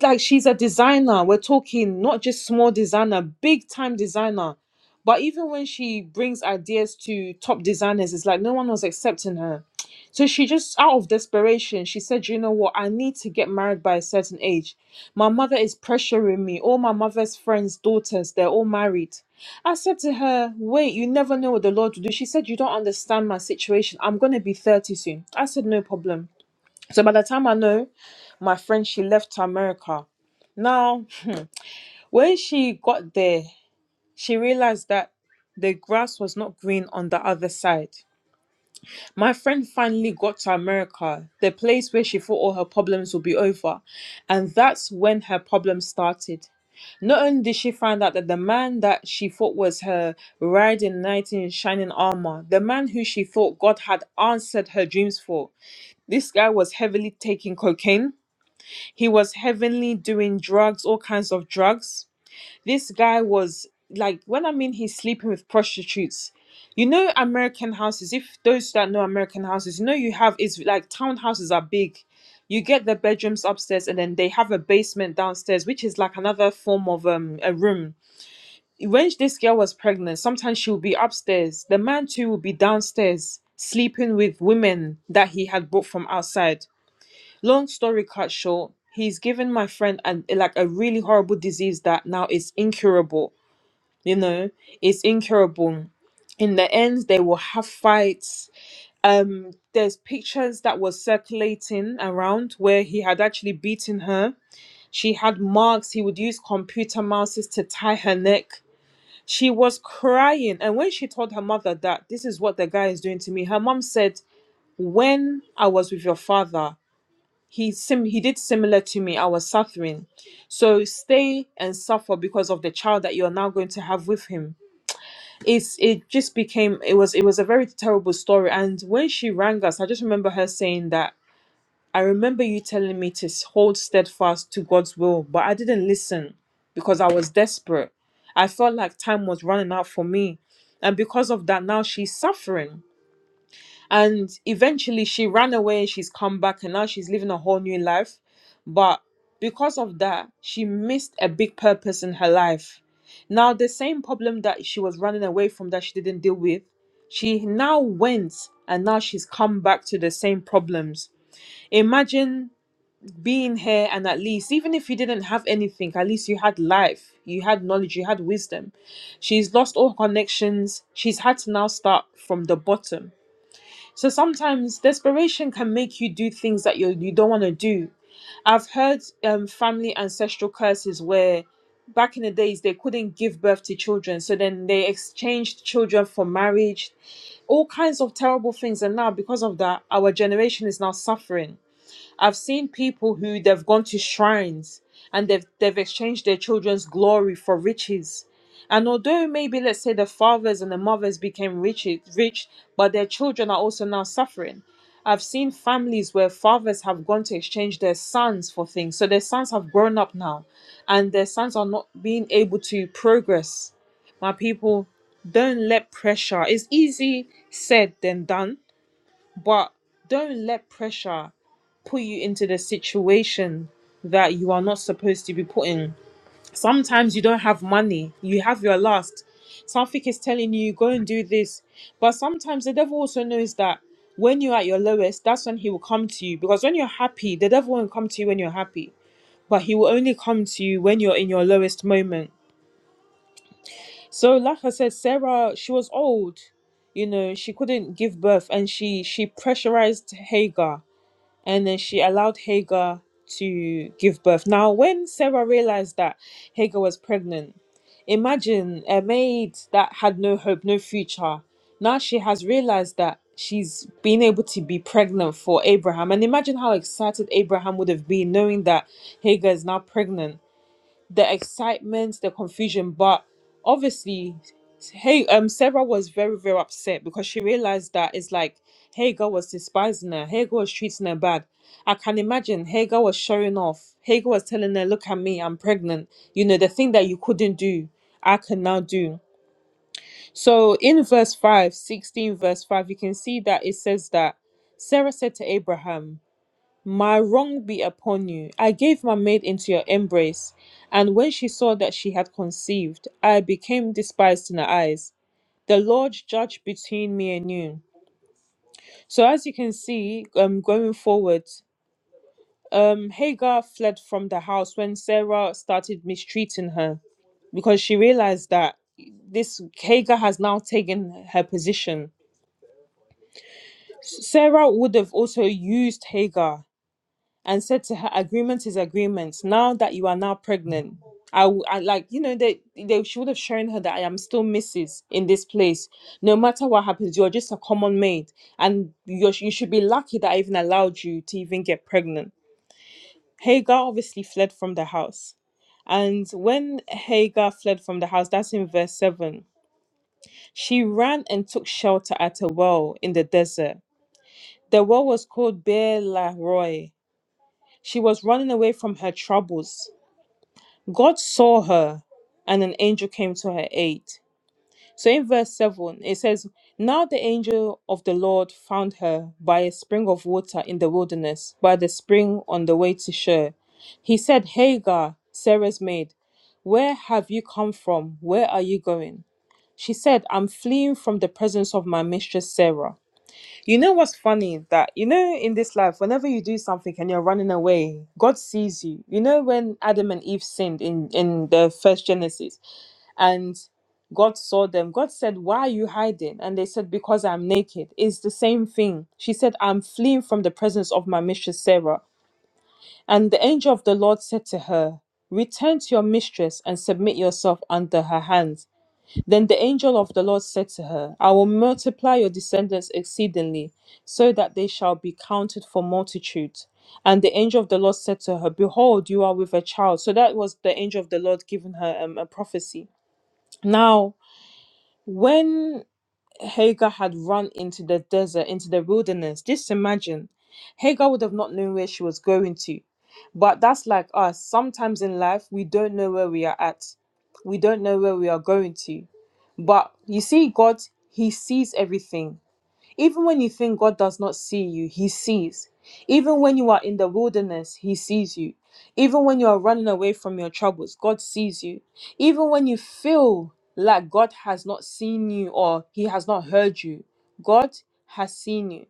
like she's a designer we're talking not just small designer big time designer but even when she brings ideas to top designers it's like no one was accepting her so she just, out of desperation, she said, You know what? I need to get married by a certain age. My mother is pressuring me. All my mother's friends' daughters, they're all married. I said to her, Wait, you never know what the Lord will do. She said, You don't understand my situation. I'm going to be 30 soon. I said, No problem. So by the time I know, my friend, she left to America. Now, when she got there, she realized that the grass was not green on the other side. My friend finally got to America, the place where she thought all her problems would be over. And that's when her problems started. Not only did she find out that the man that she thought was her riding knight in shining armor, the man who she thought God had answered her dreams for, this guy was heavily taking cocaine. He was heavily doing drugs, all kinds of drugs. This guy was like, when I mean he's sleeping with prostitutes, you know, American houses, if those that know American houses, you know, you have is like townhouses are big. You get the bedrooms upstairs and then they have a basement downstairs, which is like another form of um, a room when this girl was pregnant, sometimes she would be upstairs. The man too would be downstairs sleeping with women that he had brought from outside. Long story cut short, he's given my friend an like a really horrible disease that now is incurable you know it's incurable in the end they will have fights um there's pictures that was circulating around where he had actually beaten her she had marks he would use computer mouses to tie her neck she was crying and when she told her mother that this is what the guy is doing to me her mom said when i was with your father he sim he did similar to me i was suffering so stay and suffer because of the child that you're now going to have with him it's it just became it was it was a very terrible story and when she rang us i just remember her saying that i remember you telling me to s- hold steadfast to god's will but i didn't listen because i was desperate i felt like time was running out for me and because of that now she's suffering and eventually she ran away she's come back and now she's living a whole new life but because of that she missed a big purpose in her life now the same problem that she was running away from that she didn't deal with she now went and now she's come back to the same problems imagine being here and at least even if you didn't have anything at least you had life you had knowledge you had wisdom she's lost all her connections she's had to now start from the bottom so sometimes desperation can make you do things that you you don't want to do. I've heard um, family ancestral curses where back in the days they couldn't give birth to children, so then they exchanged children for marriage, all kinds of terrible things. And now because of that, our generation is now suffering. I've seen people who they've gone to shrines and they've they've exchanged their children's glory for riches. And although maybe let's say the fathers and the mothers became rich, rich, but their children are also now suffering. I've seen families where fathers have gone to exchange their sons for things. So their sons have grown up now and their sons are not being able to progress. My people, don't let pressure. It's easy said than done but don't let pressure put you into the situation that you are not supposed to be put in. Sometimes you don't have money, you have your last. Something is telling you, go and do this. But sometimes the devil also knows that when you're at your lowest, that's when he will come to you. Because when you're happy, the devil won't come to you when you're happy, but he will only come to you when you're in your lowest moment. So, like I said, Sarah, she was old you know she couldn't give birth and she she pressurized hagar and then she allowed Hagar to give birth. Now, when Sarah realized that Hagar was pregnant, imagine a maid that had no hope, no future. Now she has realized that she's been able to be pregnant for Abraham. And imagine how excited Abraham would have been knowing that Hagar is now pregnant the excitement, the confusion. But obviously, hey, um, Sarah was very, very upset because she realized that it's like Hagar was despising her, Hagar was treating her bad. I can imagine Hagar was showing off. Hagar was telling her, Look at me, I'm pregnant. You know, the thing that you couldn't do, I can now do. So in verse 5, 16, verse 5, you can see that it says that Sarah said to Abraham, my wrong be upon you. I gave my maid into your embrace, and when she saw that she had conceived, I became despised in her eyes. The Lord judge between me and you. So, as you can see, um, going forward, um, Hagar fled from the house when Sarah started mistreating her because she realized that this Hagar has now taken her position. Sarah would have also used Hagar and said to her, "Agreement is agreement. Now that you are now pregnant, I, w- I like you know they they should have shown her that I am still Mrs. in this place. No matter what happens, you're just a common maid, and you you should be lucky that I even allowed you to even get pregnant." Hagar obviously fled from the house. And when Hagar fled from the house, that's in verse 7, she ran and took shelter at a well in the desert. The well was called Beer La She was running away from her troubles. God saw her, and an angel came to her aid. So in verse 7, it says, Now the angel of the Lord found her by a spring of water in the wilderness, by the spring on the way to Shur. He said, Hagar, Sarah's maid, where have you come from? Where are you going? She said, I'm fleeing from the presence of my mistress Sarah. You know what's funny is that you know in this life, whenever you do something and you're running away, God sees you. You know when Adam and Eve sinned in in the first Genesis, and God saw them. God said, "Why are you hiding?" And they said, "Because I'm naked." It's the same thing. She said, "I'm fleeing from the presence of my mistress Sarah." And the angel of the Lord said to her, "Return to your mistress and submit yourself under her hands." Then the angel of the Lord said to her, I will multiply your descendants exceedingly, so that they shall be counted for multitude. And the angel of the Lord said to her, Behold, you are with a child. So that was the angel of the Lord giving her um, a prophecy. Now, when Hagar had run into the desert, into the wilderness, just imagine Hagar would have not known where she was going to. But that's like us. Sometimes in life, we don't know where we are at, we don't know where we are going to but you see, God, He sees everything. Even when you think God does not see you, He sees. Even when you are in the wilderness, He sees you. Even when you are running away from your troubles, God sees you. Even when you feel like God has not seen you or He has not heard you, God has seen you.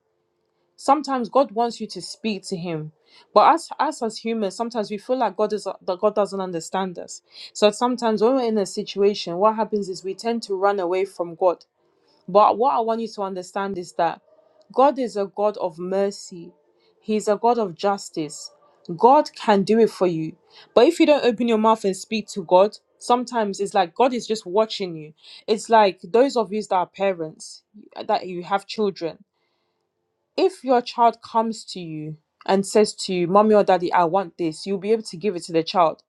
Sometimes God wants you to speak to Him, but us, us as humans, sometimes we feel like God is that God doesn't understand us. So sometimes when we're in a situation, what happens is we tend to run away from God. But what I want you to understand is that God is a God of mercy. He's a God of justice. God can do it for you. But if you don't open your mouth and speak to God, sometimes it's like God is just watching you. It's like those of you that are parents, that you have children if your child comes to you and says to you, Mommy or Daddy, I want this, you'll be able to give it to the child.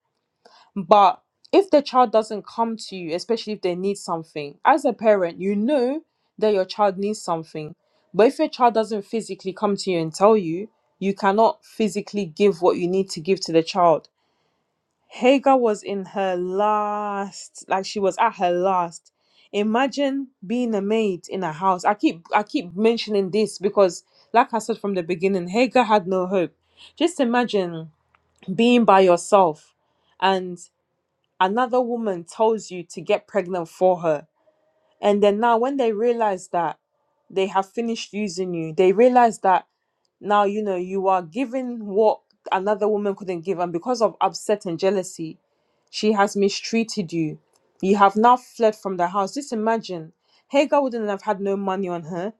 But if the child doesn't come to you, especially if they need something, as a parent, you know that your child needs something. But if your child doesn't physically come to you and tell you, you cannot physically give what you need to give to the child Hagar was in her last, like she was at her last. Imagine being a maid in a house. I keep I keep mentioning this because, like I said from the beginning, Hagar had no hope. Just imagine being by yourself and another woman tells you to get pregnant for her. And then now when they realize that they have finished using you, they realize that now you know you are given what another woman couldn't give, and because of upset and jealousy, she has mistreated you. You have now fled from the house. Just imagine. Hagar wouldn't have had no money on her.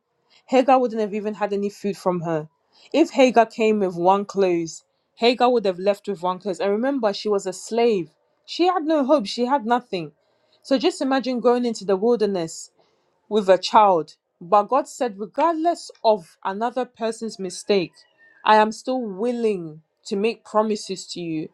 Hagar wouldn't have even had any food from her. If Hagar came with one clothes, Hagar would have left with one clothes. And remember, she was a slave. She had no hope. She had nothing. So just imagine going into the wilderness with a child. But God said, regardless of another person's mistake, I am still willing to make promises to you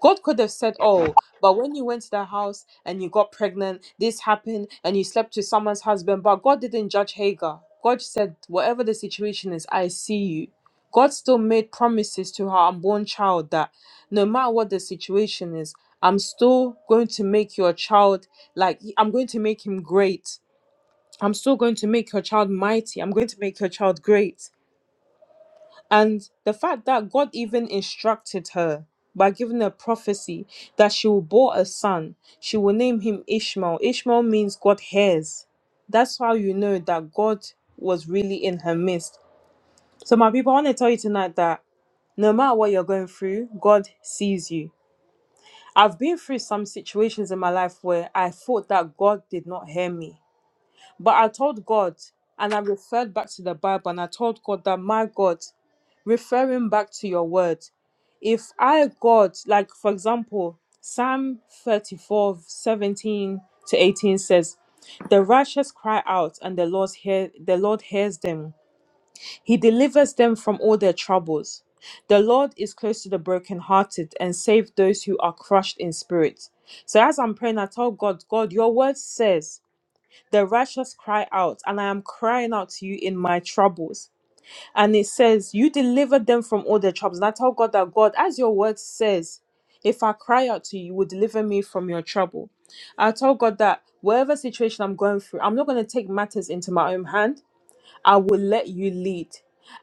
God could have said, Oh, but when you went to that house and you got pregnant, this happened and you slept with someone's husband. But God didn't judge Hagar. God said, Whatever the situation is, I see you. God still made promises to her unborn child that no matter what the situation is, I'm still going to make your child like, I'm going to make him great. I'm still going to make your child mighty. I'm going to make your child great. And the fact that God even instructed her by giving her prophecy that she will bore a son, she will name him Ishmael. Ishmael means God hears. That's how you know that God was really in her midst. So, my people, I want to tell you tonight that no matter what you're going through, God sees you. I've been through some situations in my life where I thought that God did not hear me. But I told God, and I referred back to the Bible, and I told God that, my God, referring back to your word, if I, God, like for example, Psalm 34:17 to 18 says, The righteous cry out, and the Lord, hear, the Lord hears them. He delivers them from all their troubles. The Lord is close to the brokenhearted and save those who are crushed in spirit. So as I'm praying, I tell God, God, your word says, the righteous cry out, and I am crying out to you in my troubles. And it says, You delivered them from all their troubles. And I tell God that God, as your word says, if I cry out to you, you will deliver me from your trouble. I tell God that whatever situation I'm going through, I'm not going to take matters into my own hand. I will let you lead.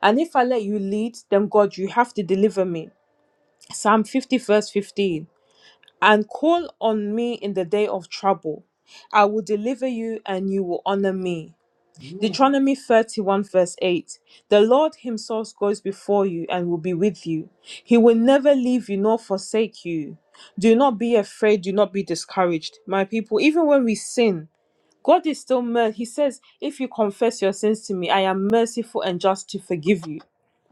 And if I let you lead, then God, you have to deliver me. Psalm 50, verse 15. And call on me in the day of trouble. I will deliver you and you will honor me. Deuteronomy 31, verse 8 The Lord Himself goes before you and will be with you. He will never leave you nor forsake you. Do not be afraid, do not be discouraged. My people, even when we sin, God is still mercy. He says, If you confess your sins to me, I am merciful and just to forgive you.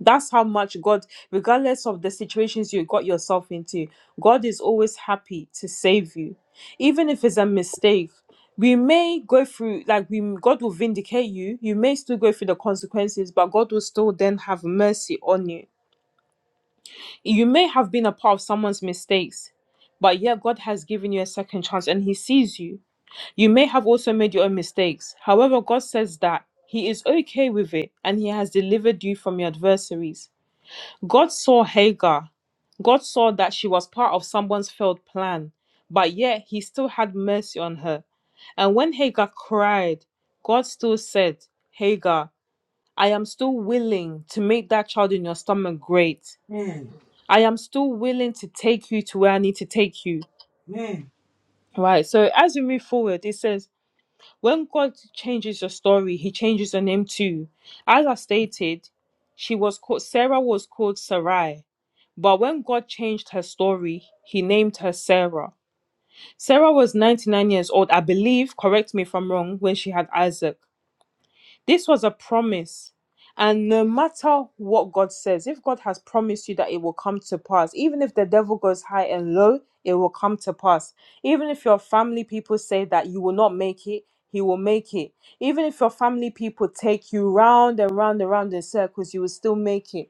That's how much God, regardless of the situations you got yourself into, God is always happy to save you. Even if it's a mistake, we may go through, like, we, God will vindicate you. You may still go through the consequences, but God will still then have mercy on you. You may have been a part of someone's mistakes, but yet God has given you a second chance and He sees you you may have also made your own mistakes. However, God says that He is okay with it and He has delivered you from your adversaries. God saw Hagar. God saw that she was part of someone's failed plan, but yet He still had mercy on her. And when Hagar cried, God still said, Hagar, I am still willing to make that child in your stomach great.
Amen.
I am still willing to take you to where I need to take you.
Amen.
Right. So as we move forward, it says, When God changes your story, He changes your name too. As I stated, she was called Sarah was called Sarai, but when God changed her story, He named her Sarah. Sarah was 99 years old, I believe. Correct me if I'm wrong. When she had Isaac, this was a promise. And no matter what God says, if God has promised you that it will come to pass, even if the devil goes high and low, it will come to pass. Even if your family people say that you will not make it, he will make it. Even if your family people take you round and round and round in circles, you will still make it.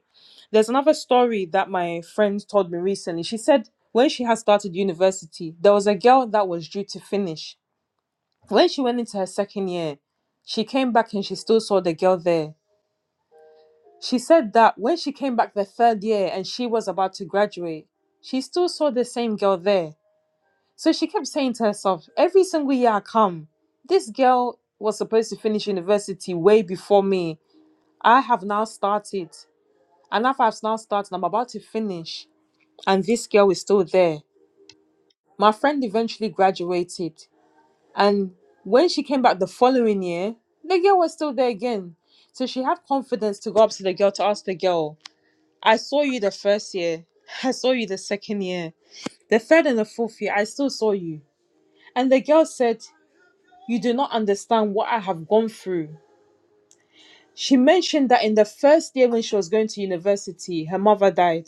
There's another story that my friend told me recently. She said when she had started university, there was a girl that was due to finish when she went into her second year, she came back and she still saw the girl there. She said that when she came back the third year and she was about to graduate, she still saw the same girl there. So she kept saying to herself, every single year I come, this girl was supposed to finish university way before me. I have now started. And after I've now started, I'm about to finish. And this girl is still there. My friend eventually graduated. And when she came back the following year, the girl was still there again. So she had confidence to go up to the girl to ask the girl, I saw you the first year. [laughs] I saw you the second year. The third and the fourth year, I still saw you. And the girl said, You do not understand what I have gone through. She mentioned that in the first year when she was going to university, her mother died.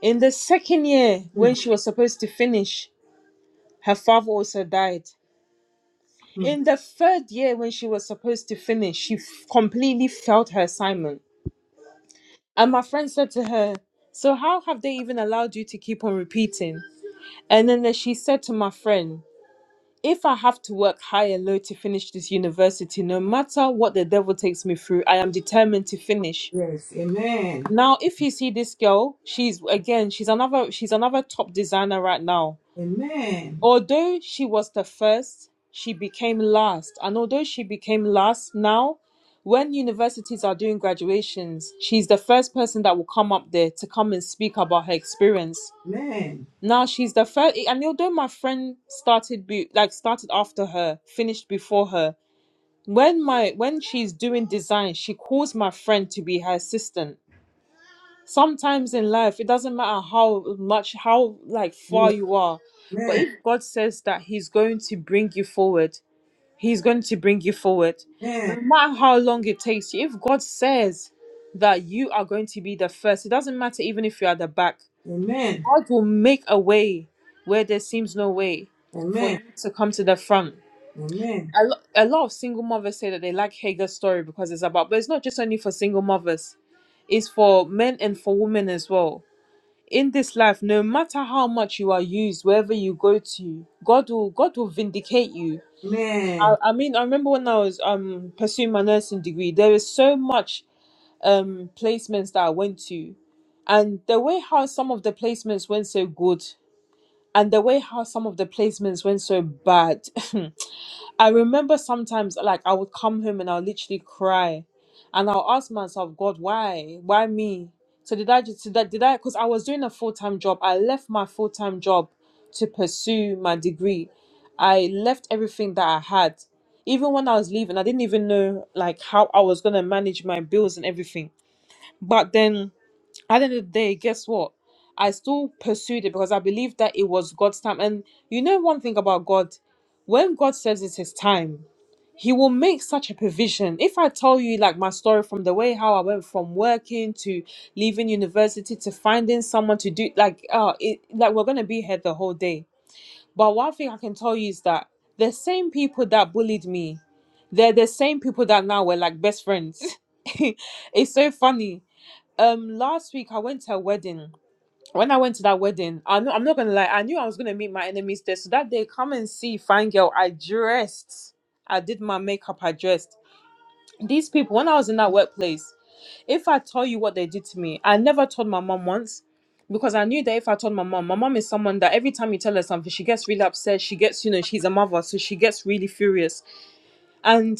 In the second year, when
Mm,
she was supposed to finish, her father also died.
mm.
In the third year, when she was supposed to finish, she f- completely failed her assignment. And my friend said to her, So, how have they even allowed you to keep on repeating? And then uh, she said to my friend, If I have to work high and low to finish this university, no matter what the devil takes me through, I am determined to finish.
Yes. Amen.
Now, if you see this girl, she's again, she's another, she's another top designer right now.
Amen.
Although she was the first, she became last. And although she became last, now when universities are doing graduations, she's the first person that will come up there to come and speak about her experience.
Amen.
Now she's the first, and although my friend started be, like started after her, finished before her. When my when she's doing design, she calls my friend to be her assistant sometimes in life it doesn't matter how much how like
Yeah.
far you are but
Amen.
if god says that he's going to bring you forward he's going to bring you forward no
Amen.
matter how long it takes you if god says that you are going to be the first it doesn't matter even if you're at the back
Amen.
god will make a way where there seems no way for you
Amen.
to come to the front
Amen.
a, lo- a lot of single mothers say that they like hagar's story because it's about but it's not just only for single mothers it's for men and for women as well in this life no matter how much you are used wherever you go to god will god will vindicate you i, I mean i remember when i was um pursuing my nursing degree there is so much um placements that i went to and the way how some of the placements went so good and the way how some of the placements went so bad [laughs] I remember sometimes like I would come home and I'll literally cry, and I'll ask myself, God, why, why me? So did I just did I did I because I was doing a full time job. I left my full time job to pursue my degree. I left everything that I had. Even when I was leaving, I didn't even know like how I was gonna manage my bills and everything. But then at the end of the day, guess what? I still pursued it because I believed that it was God's time. And you know one thing about God, when God says it's His time he will make such a provision. If I tell you like my story from the way how I went from working to leaving university to finding someone to do like uh it like we're gonna be here the whole day. But one thing I can tell you is that the same people that bullied me, they're the same people that now we're like best friends. [laughs] it's so funny. Um last week I went to a wedding when I went to that wedding, I'm not, I'm not gonna lie, I knew I was gonna meet my enemies there. So that day, come and see, fine girl, I dressed. I did my makeup, I dressed. These people, when I was in that workplace, if I tell you what they did to me, I never told my mom once because I knew that if I told my mom, my mom is someone that every time you tell her something, she gets really upset. She gets, you know, she's a mother, so she gets really furious. And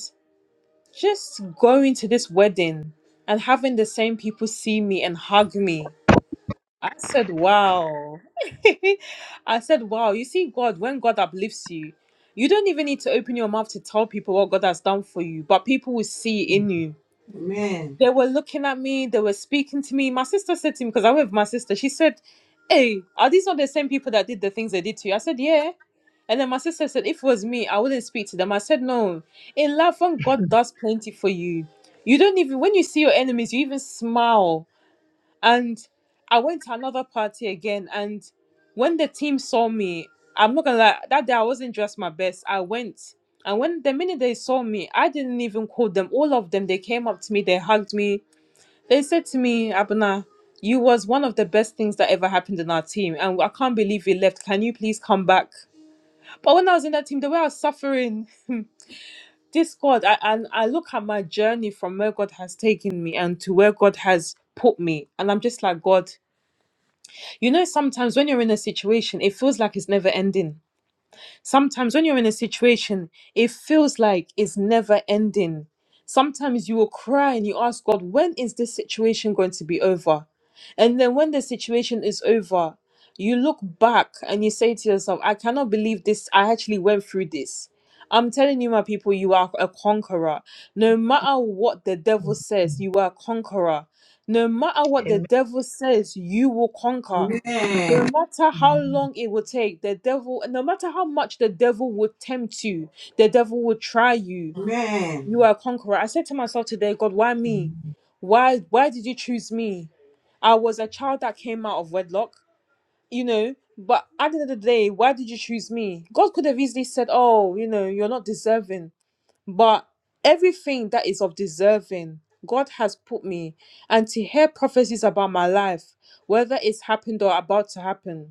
just going to this wedding and having the same people see me and hug me I said, wow. [laughs] I said, wow. You see, God, when God uplifts you, you don't even need to open your mouth to tell people what God has done for you, but people will see it in you.
Amen.
They were looking at me, they were speaking to me. My sister said to me, because I went with my sister, she said, Hey, are these not the same people that did the things they did to you? I said, Yeah. And then my sister said, If it was me, I wouldn't speak to them. I said, No. In love, when God does plenty for you, you don't even, when you see your enemies, you even smile and I went to another party again. And when the team saw me, I'm not gonna lie, that day I wasn't dressed my best. I went. And when the minute they saw me, I didn't even call them. All of them, they came up to me, they hugged me. They said to me, Abuna, you was one of the best things that ever happened in our team. And I can't believe you left. Can you please come back? But when I was in that team, the way I was suffering, [laughs] this God, I, and I look at my journey from where God has taken me and to where God has put me. And I'm just like, God, you know, sometimes when you're in a situation, it feels like it's never ending. Sometimes when you're in a situation, it feels like it's never ending. Sometimes you will cry and you ask God, when is this situation going to be over? And then when the situation is over, you look back and you say to yourself, I cannot believe this. I actually went through this. I'm telling you, my people, you are a conqueror. No matter what the devil says, you are a conqueror. No matter what the
Amen.
devil says, you will
Amen.
conquer no
Amen.
matter how long it will take, the devil, no matter how much the devil would tempt you, the devil would try you. You
Amen.
are a conqueror. I said to myself today, God, why me? Why why did you choose me? I was a child that came out of wedlock, you know, but at the end of the day, why did you choose me? God could have easily said, Oh, you know, you're not deserving. But everything that is of deserving, God has put me. And to hear prophecies about my life, whether it's happened or about to happen.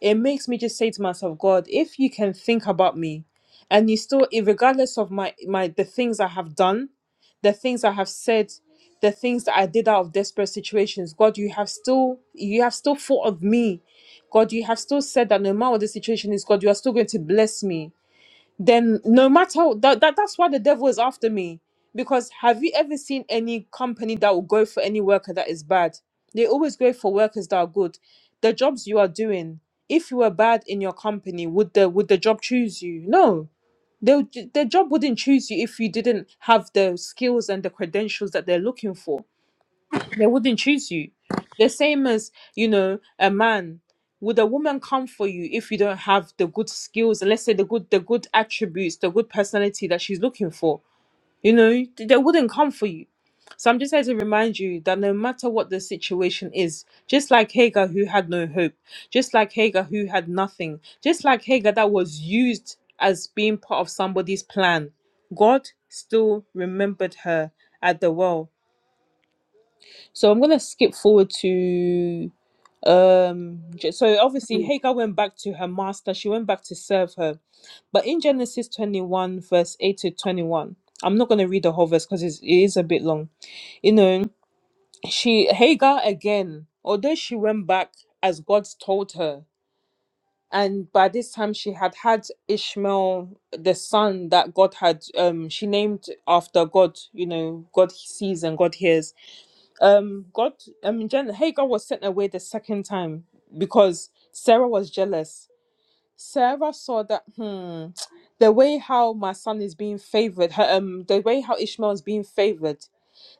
It makes me just say to myself, God, if you can think about me and you still, i- regardless of my, my, the things I have done, the things I have said, the things that I did out of desperate situations, God, you have still, you have still thought of me. God, you have still said that no matter what the situation is, God, you are still going to bless me then no matter that, that that's why the devil is after me because have you ever seen any company that will go for any worker that is bad they always go for workers that are good the jobs you are doing if you were bad in your company would the would the job choose you no they would- the job wouldn't choose you if you didn't have the skills and the credentials that they're looking for they wouldn't choose you. The same as, you know, a man. Would a woman come for you if you don't have the good skills and let's say the good the good attributes, the good personality that she's looking for? You know, th- they wouldn't come for you. So I'm just here to remind you that no matter what the situation is, just like Hagar who had no hope, just like Hagar who had nothing, just like Hagar that was used as being part of somebody's plan, God still remembered her at the well so I'm gonna skip forward to um J- so obviously Hagar went back to her master, she went back to serve her. But in Genesis 21, verse 8 to 21, I'm not gonna read the whole verse because it is a bit long. You know, she Hagar again, although she went back as God told her, and by this time she had had Ishmael, the son that God had um she named after God, you know, God sees and God hears um god i mean Jen, hagar was sent away the second time because sarah was jealous sarah saw that hmm the way how my son is being favored her, um the way how ishmael is being favored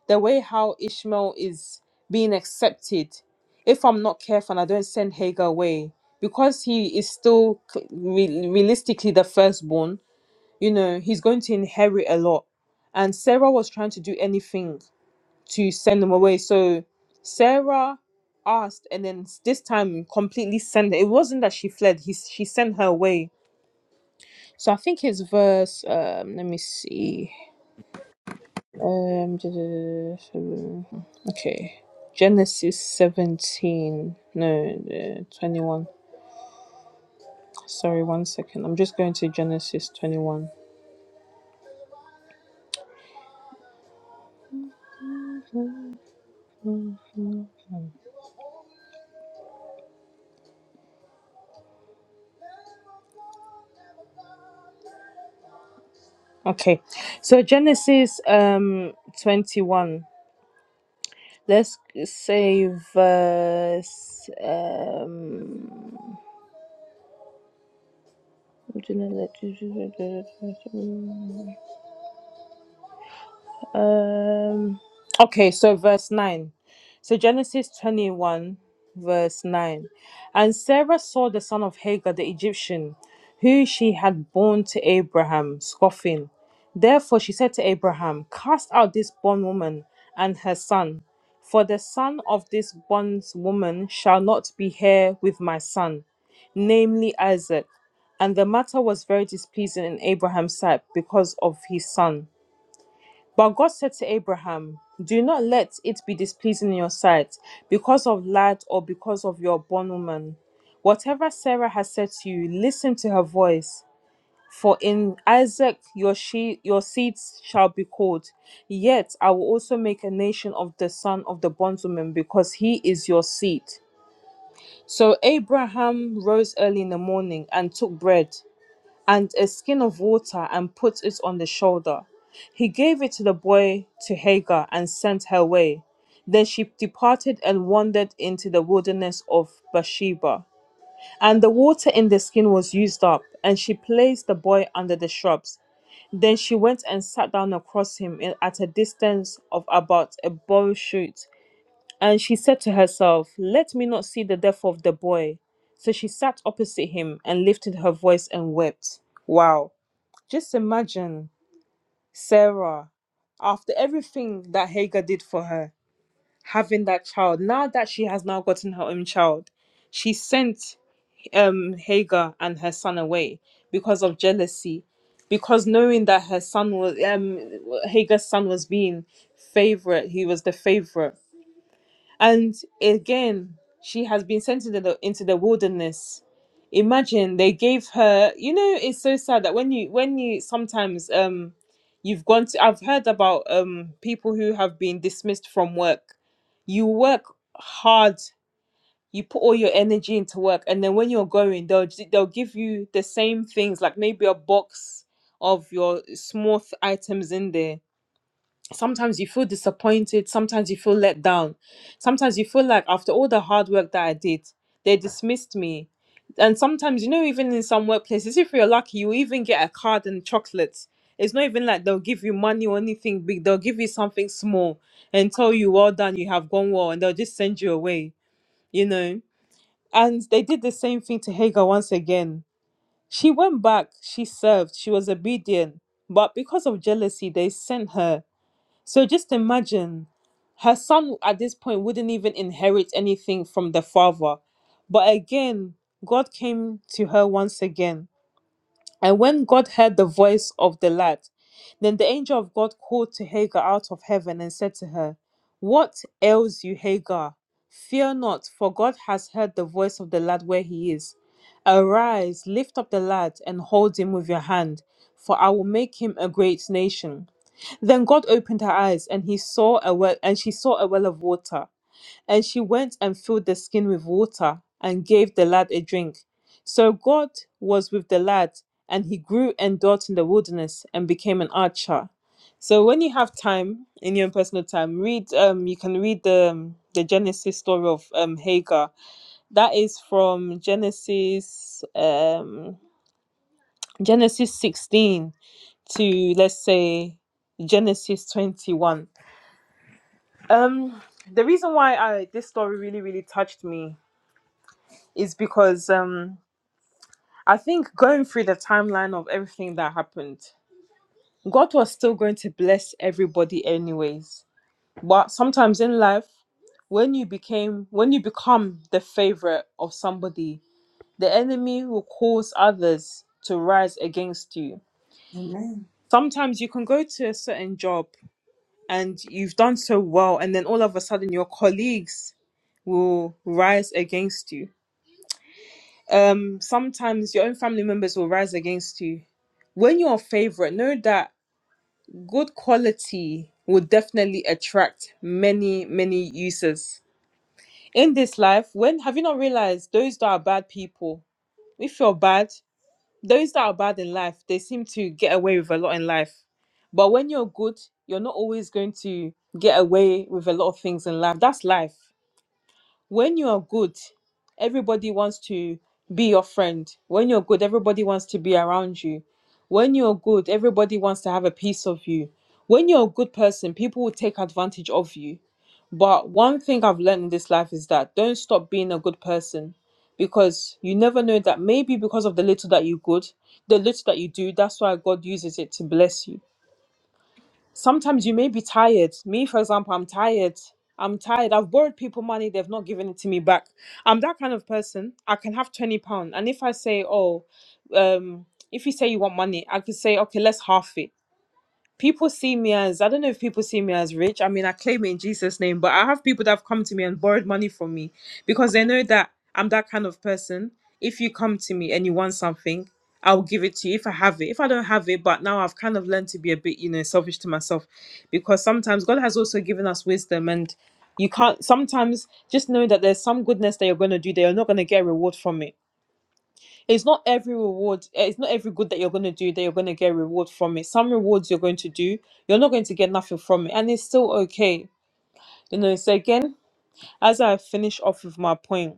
the way how ishmael is being accepted if i'm not careful and i don't send hagar away because he is still c- re- realistically the firstborn you know he's going to inherit a lot and sarah was trying to do anything to send them away. So Sarah asked, and then s- this time completely sent. her. It wasn't that she fled; he s- she sent her away. So I think it's verse. Um, let me see. Um, [tsk] okay, Genesis seventeen. No, uh, twenty-one. Sorry, one second. I'm just going to Genesis twenty-one. Okay, so Genesis um twenty-one. Let's say verse. Um, um, okay, so verse 9. So Genesis 21, verse 9. And Sarah saw the son of Hagar the Egyptian, who she had borne to Abraham, scoffing. Therefore she said to Abraham, Cast out this bondwoman and her son, for the son of this bondwoman shall not be heir with my son. namely Isaac. And the matter was very displeasing in Abraham's sight because of his son. But God said to Abraham, Do not let it be displeasing in your sight because of lad or because of your bondwoman. Whatever Sarah has said to you, listen to her voice. For in Isaac your she your seeds shall be called. Yet I will also make a nation of the son of the bondwoman because he is your seed. So Abraham rose early in the morning and took bread and a skin of water and put it on the shoulder. He gave it to the boy to Hagar and sent her away. Then she departed and wandered into the wilderness of Bathsheba. And the water in the skin was used up, and she placed the boy under the shrubs. Then she went and sat down across him in- at a distance of about a bow shoot and she said to herself, Let me not see the death of the boy. So she sat opposite him and lifted her voice and wept. Wow. Just imagine Sarah, after everything that Hagar did for her, having that child, now that she has now gotten her own child, she sent um, Hagar and her son away because of jealousy, because knowing that her son was, um, Hagar's son was being favorite, he was the favorite and again, she has been sent into the into the wilderness. Imagine they gave her. You know, it's so sad that when you when you sometimes um you've gone to. I've heard about um people who have been dismissed from work. You work hard. You put all your energy into work, and then when you're going, they'll j- they'll give you the same things, like maybe a box of your small th- items in there sometimes you feel disappointed sometimes you feel let down sometimes you feel like after all the hard work that i did they dismissed me and sometimes you know even in some workplaces if you're lucky you even get a card and chocolates it's not even like they'll give you money or anything big they'll give you something small and tell you well done you have gone well and they'll just send you away you know and they did the same thing to hagar once again she went back she served she was obedient but because of jealousy they sent her so just imagine her son at this point wouldn't even inherit anything from the father. But again, God came to her once again. And when God heard the voice of the lad, then the angel of God called to Hagar out of heaven and said to her, What ails you, Hagar? Fear not, for God has heard the voice of the lad where he is. Arise, lift up the lad, and hold him with your hand, for I will make him a great nation. Then God opened her eyes, and he saw a well, and she saw a well of water. And she went and filled the skin with water and gave the lad a drink. So God was with the lad, and he grew and dwelt in the wilderness and became an archer. So when you have time in your own personal time, read. Um, you can read the um, the Genesis story of um Hagar. That is from Genesis um Genesis sixteen to let's say Genesis twenty one Um, the reason why I this story really really touched me is because um I think going through the timeline of everything that happened, God was still going to bless everybody anyways. But sometimes in life, when you became when you become the favorite of somebody, the enemy will cause others to rise against you.
Amen.
Sometimes you can go to a certain job and you've done so well and then all of a sudden your colleagues will rise against you um sometimes your own family members will rise against you when you're a favorite know that good quality will definitely attract many many users in this life when have you not realized those that are bad people if you're bad those that are bad in life they seem to get away with a lot in life but when you're good you're not always going to get away with a lot of things in life that's life when you are good, everybody wants to be your friend. When you're good, everybody wants to be around you. When you're good, everybody wants to have a piece of you. When you're a good person, people will take advantage of you. But one thing I've learned in this life is that don't stop being a good person because you never know that maybe because of the little that you good, the little that you do, that's why God uses it to bless you sometimes you may be tired. Me, for example, I'm tired. I'm tired. I've borrowed people money, they've not given it to me back. I'm that kind of person. I can have 20 pounds. And if I say, oh, um, if you say you want money, I could say, okay, let's half it people see me as I don't know if people see me as rich. I mean, I claim it in Jesus' name, but I have people that have come to me and borrowed money from me because they know that I'm that kind of person. If you come to me and you want something, I'll give it to you if I have it. If I don't have it, but now I've kind of learned to be a bit, you know, selfish to myself because sometimes God has also given us wisdom and you can't sometimes just know that there's some goodness that you're going to do that you're not going to get a reward from it it's not every reward eh, it's not every good that you're going to do that you're going to get reward from it some rewards you're going to do you're not going to get nothing from it and it's still okay you know so again as i finish off with my point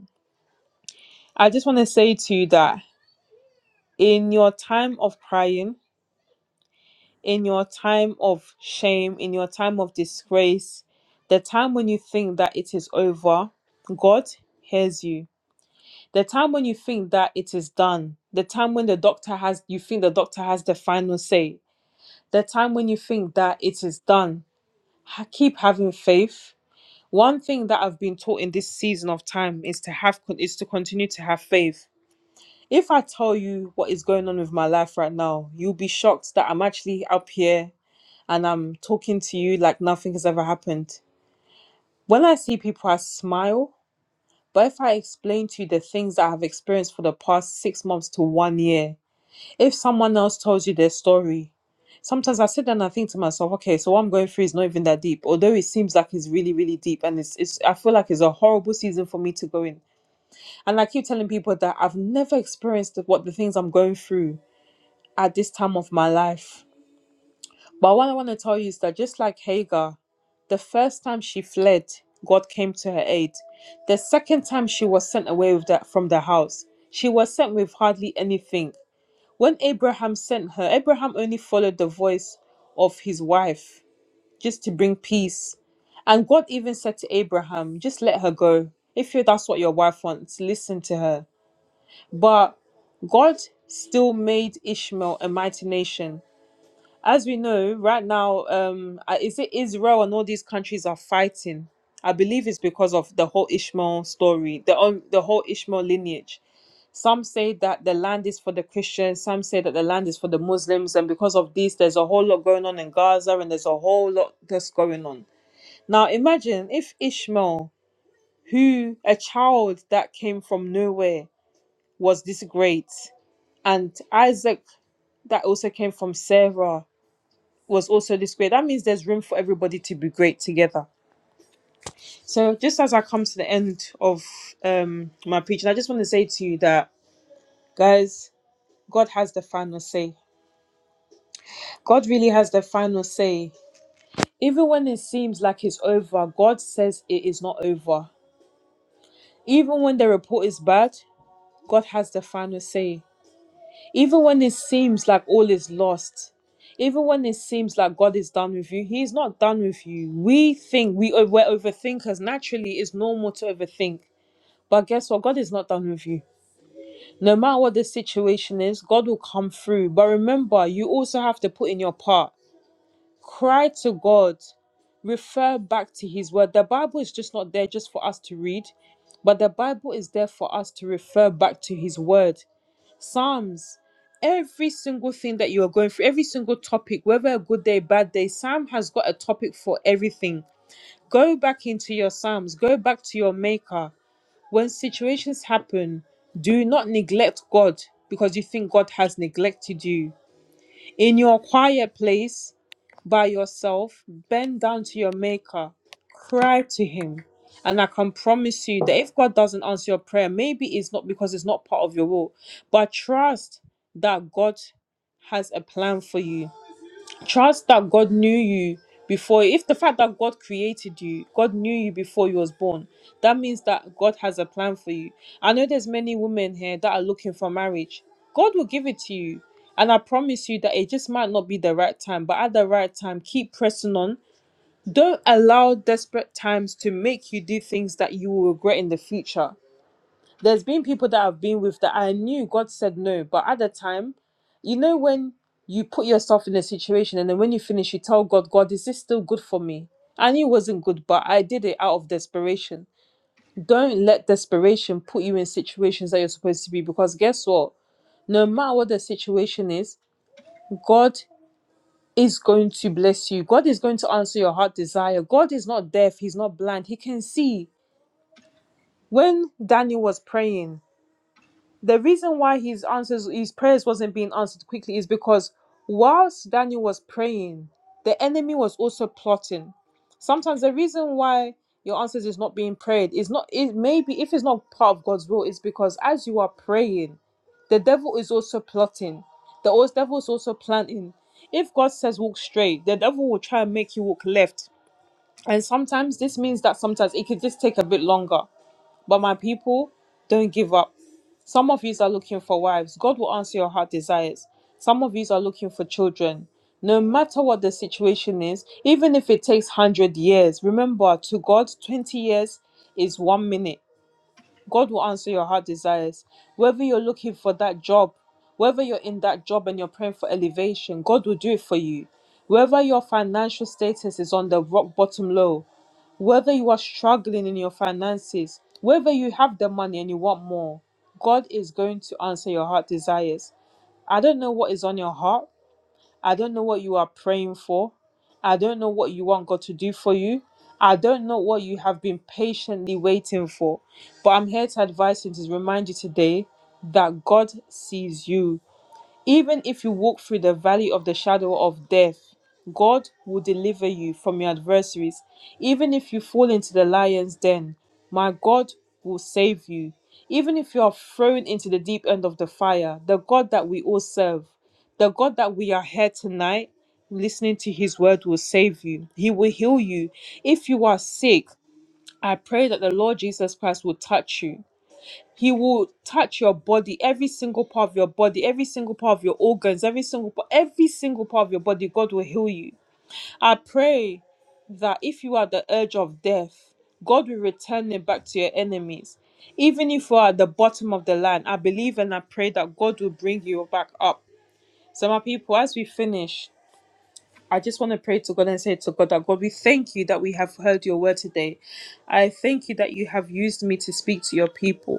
i just want to say to you that in your time of crying in your time of shame in your time of disgrace the time when you think that it is over god hears you the time when you think that it is done the time when the doctor has you think the doctor has the final say The time when you think that it is done, ha- keep having faith. One thing that I've been taught in this season of time is to have con- is to continue to have faith. If I tell you what is going on with my life right now, you'll be shocked that I'm actually up here and I'm talking to you like nothing has ever happened. When I see people, I smile. But if I explain to you the things that I have experienced for the past six months to one year, if someone else tells you their story, sometimes I sit down and I think to myself, okay, so what I'm going through is not even that deep. Although it seems like it's really, really deep, and it's, it's I feel like it's a horrible season for me to go in. And I keep telling people that I've never experienced what the things I'm going through at this time of my life. But what I want to tell you is that just like Hagar, the first time she fled, God came to her aid. The second time she was sent away with that from the house, she was sent with hardly anything. When Abraham sent her, Abraham only followed the voice of his wife just to bring peace. And God even said to Abraham, just let her go. If you- that's what your wife wants, listen to her. But God still made Ishmael a mighty nation. As we know, right now, um, uh, is it Israel and all these countries are fighting? I believe it's because of the whole Ishmael story, the um, the whole Ishmael lineage some say that the land is for the Christians, some say that the land is for the Muslims, and because of this, there's a whole lot going on in Gaza and there's a whole lot that's going on. Now, imagine if Ishmael, who a child that came from nowhere, was this great, and Isaac, that also came from Sarah, was also this great. That means there's room for everybody to be great together. So, just as I come to the end of um, my preaching, I just want to say to you that, guys, God has the final say God really has the final say. Even when it seems like it's over, God says it is not over. Even when the report is bad, God has the final say. Even when it seems like all is lost, even when it seems like God is done with you, He is not done with you. We think we are overthinkers. Naturally, it's normal to overthink. But guess what? God is not done with you. No matter what the situation is, God will come through. But remember, you also have to put in your part. cry to God, refer back to His Word. The Bible is just not there just for us to read, but the Bible is there for us to refer back to His Word. Psalms, every single thing that you are going through, every single topic, whether a good day, bad day, Sam has got a topic for everything. Go back into your Psalms, go back to your Maker. When situations happen, do not neglect God because you think God has neglected you in your quiet place by yourself, bend down to your Maker, cry to Him. And I can promise you that if God doesn't answer your prayer, maybe it's not because it's not part of your will, but trust that God has a plan for you Trust that God knew you before. If the fact that God created you, God knew you before you was born, that means that God has a plan for you. I know there's many women here that are looking for marriage. God will give it to you. And I promise you that it just might not be the right time, but at the right time, keep pressing on. Don't allow desperate times to make you do things that you will regret in the future. There's been people that I've been with that I knew God said no, but at the time, you know, when you put yourself in a situation and then when you finish, you tell God, God, is this still good for me? I knew it wasn't good, but I did it out of desperation. Don't let desperation put you in situations that you're supposed to be because guess what? No matter what the situation is, God is going to bless you. God is going to answer your heart desire. God is not deaf, He's not blind, He can see. When Daniel was praying, the reason why his answers his prayers wasn't being answered quickly is because whilst Daniel was praying, the enemy was also plotting. Sometimes the reason why your answers is not being prayed is not it maybe if it's not part of God's will, is because as you are praying, the devil is also plotting. The al- devil is also planning. If God says walk straight, the devil will try and make you walk left. And sometimes this means that sometimes it could just take a bit longer. But my people, don't give up some of yous are looking for wives. God will answer your heart desires. Some of yous are looking for children. No matter what the situation is, even if it takes 100 years, remember to God, 20 years is one minute. God will answer your heart desires. Whether you're looking for that job, whether you're in that job and you're praying for elevation, God will do it for you. Whether your financial status is on the rock bottom low, whether you are struggling in your finances, whether you have the money and you want more, God is going to answer your heart desires. I don't know what is on your heart. I don't know what you are praying for. I don't know what you want God to do for you. I don't know what you have been patiently waiting for. But I'm here to advise you and to remind you today that God sees you. Even if you walk through the valley of the shadow of death, God will deliver you from your adversaries. Even if you fall into the lion's den, my God will save you. Even if you are thrown into the deep end of the fire, the God that we all serve, the God that we are here tonight, listening to his word will save you. He will heal you. If you are sick, I pray that the Lord Jesus Christ will touch you. He will touch your body, every single part of your body, every single part of your organs, every single part, every single part of your body. God will heal you. I pray that if you are at the edge of death, God will return it back to your enemies. Even if you are at the bottom of the line, I believe and I pray that God will bring you back up. So, my people, as we finish, I just want to pray to God and say to God that God, we thank you that we have heard your word today. I thank you that you have used me to speak to your people.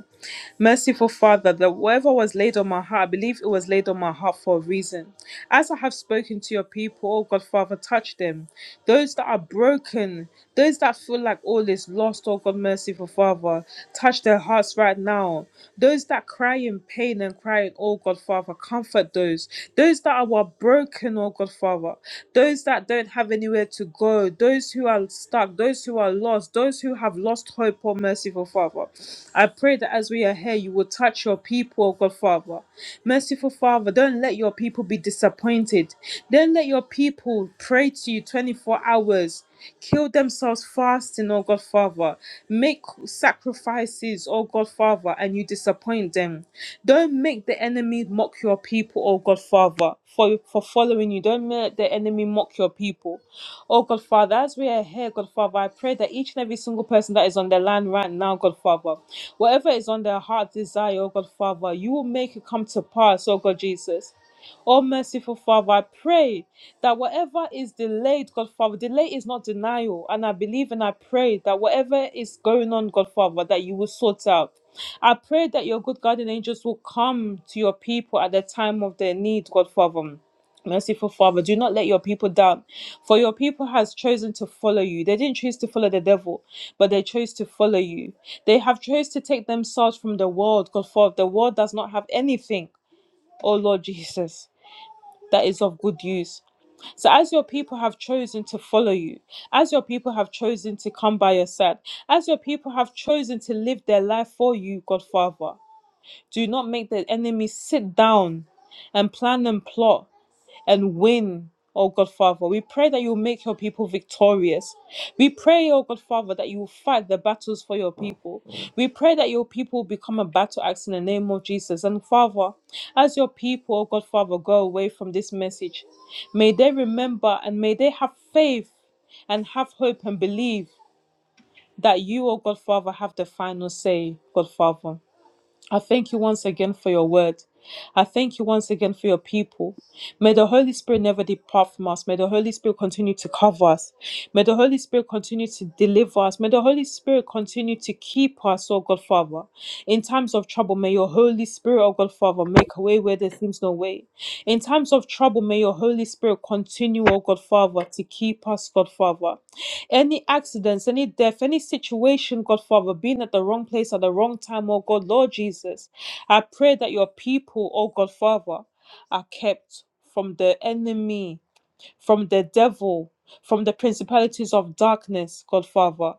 Merciful Father, that whatever was laid on my heart, I believe it was laid on my heart for a reason. As I have spoken to your people, oh God, Father, touch them. Those that are broken, those that feel like all is lost, oh God, merciful Father, touch their hearts right now. Those that cry in pain and crying, Oh God, Father, comfort those. Those that are broken, oh God, Father. Those that don't have anywhere to go. Those who are stuck. Those who are lost. Those who have lost hope, oh merciful Father. I pray that as we are here, you will touch your people, oh God, Father. Merciful Father, don't let your people be disappointed. Don't let your people pray to you 24 hours kill themselves fasting, oh God Father. Make sacrifices, oh God Father, and you disappoint them. Don't make the enemy mock your people, oh God Father, for, for following you. Don't make the enemy mock your people. Oh God Father, as we are here, God Father, I pray that each and every single person that is on the land right now, God Father, whatever is on their heart desire, oh God Father, you will make it come to pass, oh God Jesus. Oh merciful Father, I pray that whatever is delayed, God Father, delay is not denial. And I believe and I pray that whatever is going on, God Father, that you will sort out. I pray that your good guardian angels will come to your people at the time of their need, God Father. Merciful Father, do not let your people down, for your people has chosen to follow you. They didn't choose to follow the devil, but they chose to follow you. They have chose to take themselves from the world, God Father. The world does not have anything, oh Lord Jesus, that is of good use. So, as your people have chosen to follow you, as your people have chosen to come by your side, as your people have chosen to live their life for you, Godfather, do not make the enemy sit down and plan and plot and win. Oh God, Father, we pray that you make your people victorious. We pray, oh God, Father, that you fight the battles for your people. We pray that your people become a battle axe in the name of Jesus. And Father, as your people, oh God, Father, go away from this message, may they remember and may they have faith and have hope and believe that you, oh God, Father, have the final say, God, Father. I thank you once again for your word. I thank you once again for your people. May the Holy Spirit never depart from us. May the Holy Spirit continue to cover us. May the Holy Spirit continue to deliver us. May the Holy Spirit continue to keep us, oh God Father. In times of trouble, may your Holy Spirit, oh God Father, make a way where there seems no way. In times of trouble, may your Holy Spirit continue, oh God Father, to keep us, God Father. Any accidents, any death, any situation, God Father, being at the wrong place at the wrong time, oh God, Lord Jesus, I pray that your people, oh God Father, are kept from the enemy, from the devil, from the principalities of darkness, God Father.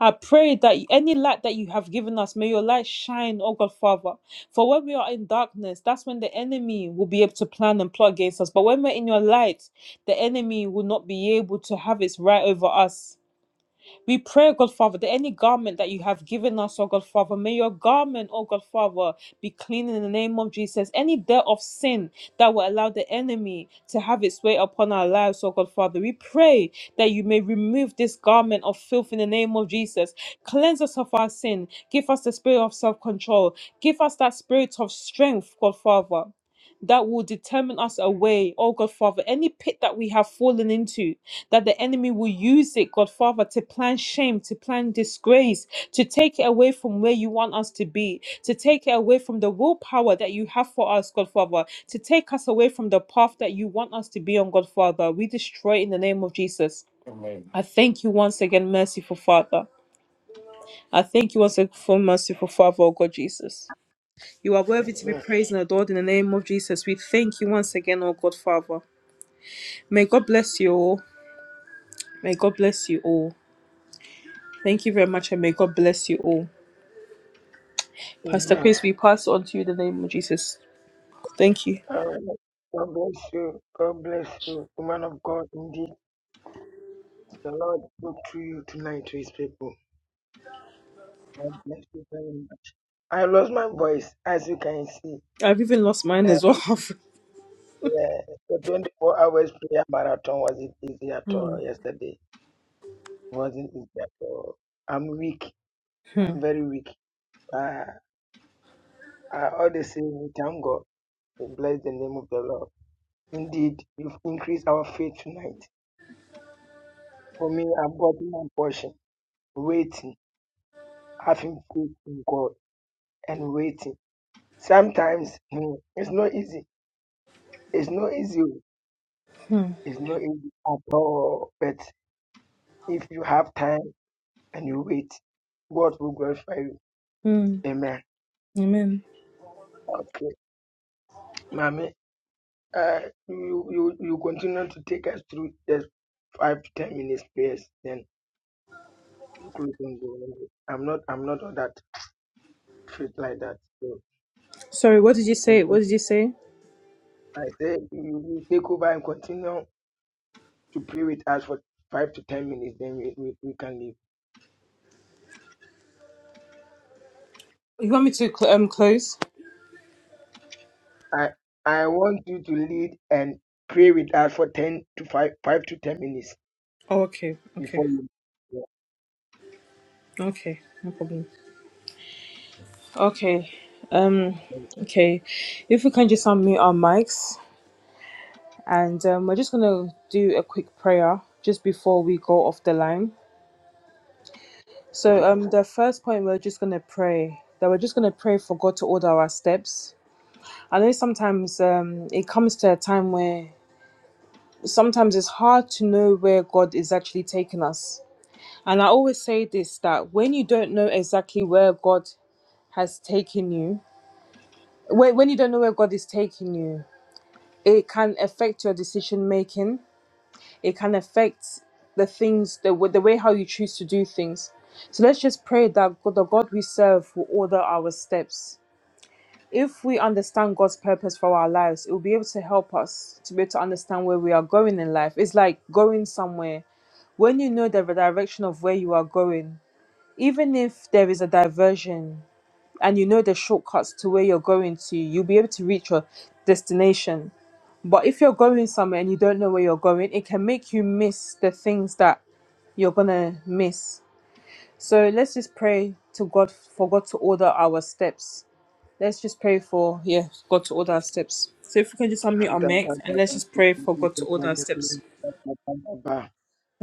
I pray that any light that you have given us, may your light shine, oh God Father. For when we are in darkness, that's when the enemy will be able to plan and plot against us. But when we're in your light, the enemy will not be able to have its right over us. We pray, God Father, that any garment that you have given us, oh God Father, may your garment, oh God Father, be clean in the name of Jesus. Any dirt of sin that will allow the enemy to have its way upon our lives, oh God Father, we pray that you may remove this garment of filth in the name of Jesus. Cleanse us of our sin. Give us the spirit of self control. Give us that spirit of strength, God Father that will determine us away, oh God Father, any pit that we have fallen into, that the enemy will use it, God Father, to plan shame, to plan disgrace, to take it away from where you want us to be, to take it away from the willpower that you have for us, God Father, to take us away from the path that you want us to be on, God Father. We destroy it in the name of Jesus.
Amen.
I thank you once again, merciful Father. I thank you once again for merciful Father, oh God Jesus. You are worthy to be
Amen.
praised and adored in the name of Jesus. We thank you once again, oh God, Father. May God bless you all. May God bless you all. Thank you very much, and may God bless you all. Pastor
Amen.
Chris, we pass on to you in the name of Jesus. Thank you.
Um, God bless you. God bless you. Woman of God, indeed, the Lord spoke through you tonight to his people. God bless you very much. I lost my voice, as you can see.
I've even lost mine
And
as well. [laughs]
uh, the 24 hours prayer marathon wasn't easy at
Hmm,
all yesterday. It wasn't easy at all. I'm weak.
hmm,
I'm very weak. Uh, I always say, we thank God. We bless the name of the Lord. Indeed, you've increased our faith tonight. For me, I've gotten my portion. Waiting, having faith in God, and waiting. Sometimes hmm, it's not easy. It's not easy.
hmm,
It's not easy at all. But if you have time and you wait, God will glorify you.
hmm.
Amen.
Amen.
Okay, Mommy, uh, you, you you continue to take us through the five to ten minutes prayers. Then you close and go. I'm not I'm not on that fit like that. So
Sorry, what did you say? What
continue.
did you say?
I say you, you take over and continue to pray with us for five to ten minutes. Then we, we, we can leave.
You want me to cl- um close?
I I want you to lead and pray with us for ten to five five to ten minutes
Oh, okay,
before
okay,
you.
okay, no problem. Okay, um, okay. If we can just unmute our mics. and um, we're just going to do a quick prayer just before we go off the line. So, um, the first point we're just going to pray that we're just going to pray for God to order our steps. I know sometimes um, it comes to a time where sometimes it's hard to know where God is actually taking us. And I always say this that when you don't know exactly where God has taken you, when, when you don't know where God is taking you, it can affect your decision making it can affect the things the, w- the way how you choose to do things so let's just pray that God- the god we serve will order our steps if we understand god's purpose for our lives it will be able to help us to be able to understand where we are going in life it's like going somewhere when you know the direction of where you are going even if there is a diversion and you know the shortcuts to where you're going to you'll be able to reach your destination but if you're going somewhere and you don't know where you're going, it can make you miss the things that you're gonna miss. So let's just pray to God for God to order our steps. Let's just pray for yeah, God to order our steps. So if we can just unmute our mic and let's just pray for God to order our steps.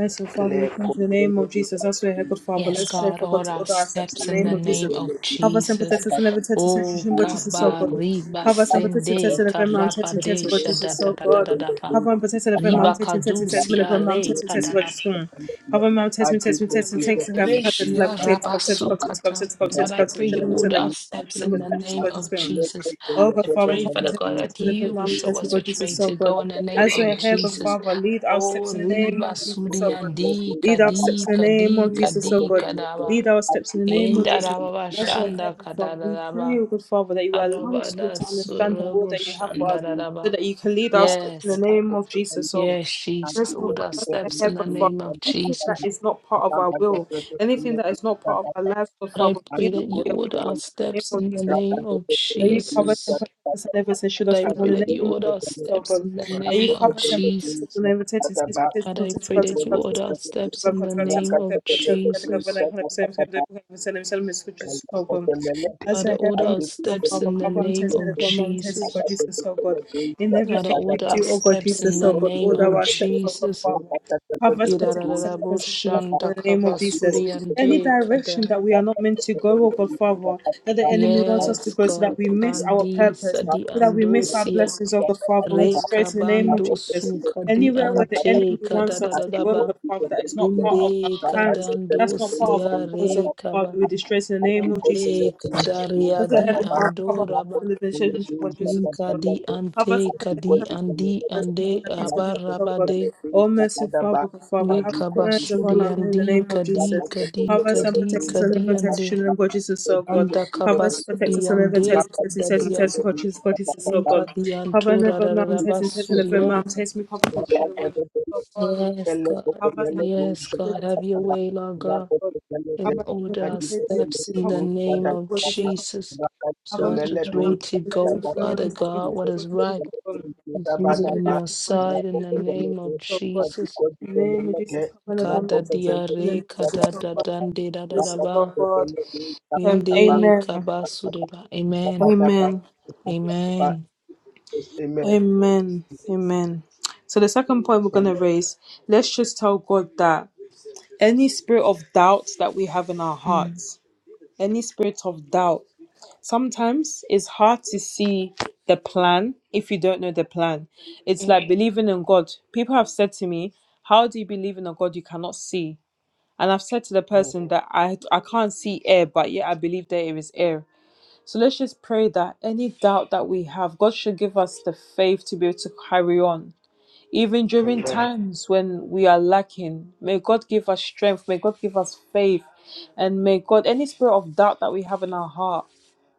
So, Father, we
le
come in the name of
comprende
Jesus. As we head, good Father,
Yes,
let's pray
God,
for God
all
to
our
order our steps
steps
in the
in
name
the
of
name
Jesus.
of
Have us
Jesus.
sympathetic to the never tested sentry
Oh,
and gracious and so good.
kabariba
Have us sympathetic to test
sende
and never mom tested
karabade
tested for Jesus.
shada da
So
da da
God,
da da pa.
have one tested never mom
Riba
tested tested tested.
kadusi
Never mom
are
tested tested for
kadada.
Jesus. Have one mom tested me tested me
And the
tested.
love of
Thanks to
God
have the
is
heart to
not
Reshia
love. Tested, tested, tested,
rabasukata.
tested,
is
tested,
But
good
tested,
I
for
tested.
pray
Shall
you
us.
I turn
order
the?
our steps
We
in the
love
name
you,
Shall I
of
turn the?
Jesus.
Oh God,
I
Father,
pray,
come and
Father
take
God,
the
that
testimony from
you will
Mom,
show
test me,
us
God,
which
Jesus,
way
so
to
God.
go in the name
As we're
of
here, God,
Jesus.
Father, lead our
Oh,
steps in the name
riba
of Jesus, so God.
suriandi
Lead our
kadi
steps in the name
kadi
of Jesus, so
kadi
God.
kadaba.
Lead our steps in the name of Jesus,
Thank
so
Indarababa
God. As we're here,
shanda
God, Father, we pray,
kadaraba
oh God, Father, that you allow us to, be able
arabada
to understand the word
surabu
that you have for us,
you.
so
shandaraba.
that you can lead our steps in the
Yes, God.
name of Jesus, so
Thank
God.
Yes, Jesus.
Merciful
Order our
Father, as
steps
we're here,
in the
God, Father,
name of
anything that
Jesus.
is not part of our will, anything that is not part of our lives, God,
But I
Father, may
pray
it not
that you
be a part
order
of
our
our lives in the name
steps
of
in the
Jesus. so
name of
May you cover us and
Jesus.
protect us and never say, shield
But
us
I
from all
pray
in the
that you
name
order
of
our
Jesus, oh
steps
God.
in the
May you
name of
cover us and protect us
Jesus.
and never take us. Please
But
protect
I
us,
pray
protect
that
us,
you
protect
order our
us,
steps
protect
in the
us, protect us, protect us,
name of
protect us, protect us,
Jesus.
protect us, protect us, protect us, as
Father,
I have
order
from
our
so
steps
far,
in
but
the
cover and
name
test me the
of
government, test me,
Jesus.
God Jesus, oh God. In
God,
everything we
you.
order our
do, oh God
steps in
Jesus,
the
oh God,
name
order
of
our steps, oh God,
Jesus.
Father. Cover us, protect us, and deliver us from evil in the name of Jesus. Any direction
Irarararaboshandakabasuriandekada.
that we are not meant to go, oh God, Father, that the enemy wants us to
Yes,
go so that
God.
we miss our
Kandi
purpose,
sadi
so that we miss our
andosia.
blessings, oh God, Father, we destroy
Reka
it in the name of
bando
Jesus.
suka di
Anywhere where
Thank
the
you.
ante
enemy
kada
wants
da
us
Thank
da
to
da
go, oh
ba.
God, Father, that is not part of our
Yende
plans, that's not part of our
kadandosia
goals, oh God,
reka ba.
Father, we destroy it in the name of Jesus.
Ande
oh God.
kadaria
As a
di
heaven, cover us,
andoraba.
deliver us, and deliver us, from evil, Jesus.
Ninka
oh God.
di
Have
ante kadi
us
andi
Bless the Lord,
ande
and peace with Jesus, oh God.
abarabade.
Oh, merciful Father, good Father, have plans upon
Likabasudi
our
and
in the
D
name of
Kadi
Jesus.
Kadi
Cover us and
Kadi
protect us and live
Kadi
and
and
test us
D
in the name of God, Jesus, oh God.
Anda
Cover us and protect us and
and
live and
D
test us, test us, test us,
Kadadia
test us, God, Jesus, so God, Jesus, oh God.
Inkadi
Cover and
Antura
live and mom, test us, test us, live and
Rarabasudia.
mom, test me, cover us, and God, us oh
you.
God.
Yes,
Ele
God.
Cover us
kokelele
and protect us, and
Yes,
gusha
live
God.
and
Have
test
your
us,
kada
way, Lord God,
rako
Gott.
kokelele de
and
Aber in
order
unserem
our
adi
Feld mit
steps
dem
kokelele
in
Kopf
the
gusha
name
kada
of
wurde sich
kada
von
Jesus.
raka
Aber
So as
wenn
kokelele
it's
man
ready
am
gusha
to
Tisch
kada
ist,
go,
wenn man sich mit
kada
dem Namen des Hessen begann
Father
uns das
adi
God,
Gefäß
what is
wurde
kokelele
sich
right
von
gusha
and
kada
Aber
kada
pleasing
mit
in
dem
kada
your
Namen des
sight
rako
in the
Hessen
kokelele
name
begann
de
of
uns das von Gott.
adi
Jesus.
In the name of
kokelele de
Jesus, cover the
rako
families of
Kadadia
kokelele
the
gusha
Re
name of
kada
Jesus, oh
Kadada
kada
God. This
raka kokelele
Dande
oh
gusha kada kada
God. Um,
Yende
kada
amen.
kabasude ba. Amen.
kada kada
Amen.
kada ba
Amen.
Amen.
Amen. Amen. So the second point we're
Amen.
gonna raise, let's just tell God that any spirit of doubt that we have in our
Mm.
hearts, any spirit of doubt. Sometimes it's hard to see the plan if you don't know the plan. It's
Yeah.
like believing in God. People have said to me, How do you believe in a God you cannot see? And I've said to the person that I, I can't see air, but yet I believe there is air. So let's just pray that any doubt that we have, God should give us the faith to be able to carry on even during times when we are lacking. May God give us strength. May God give us faith. And may God, any spirit of doubt that we have in our heart,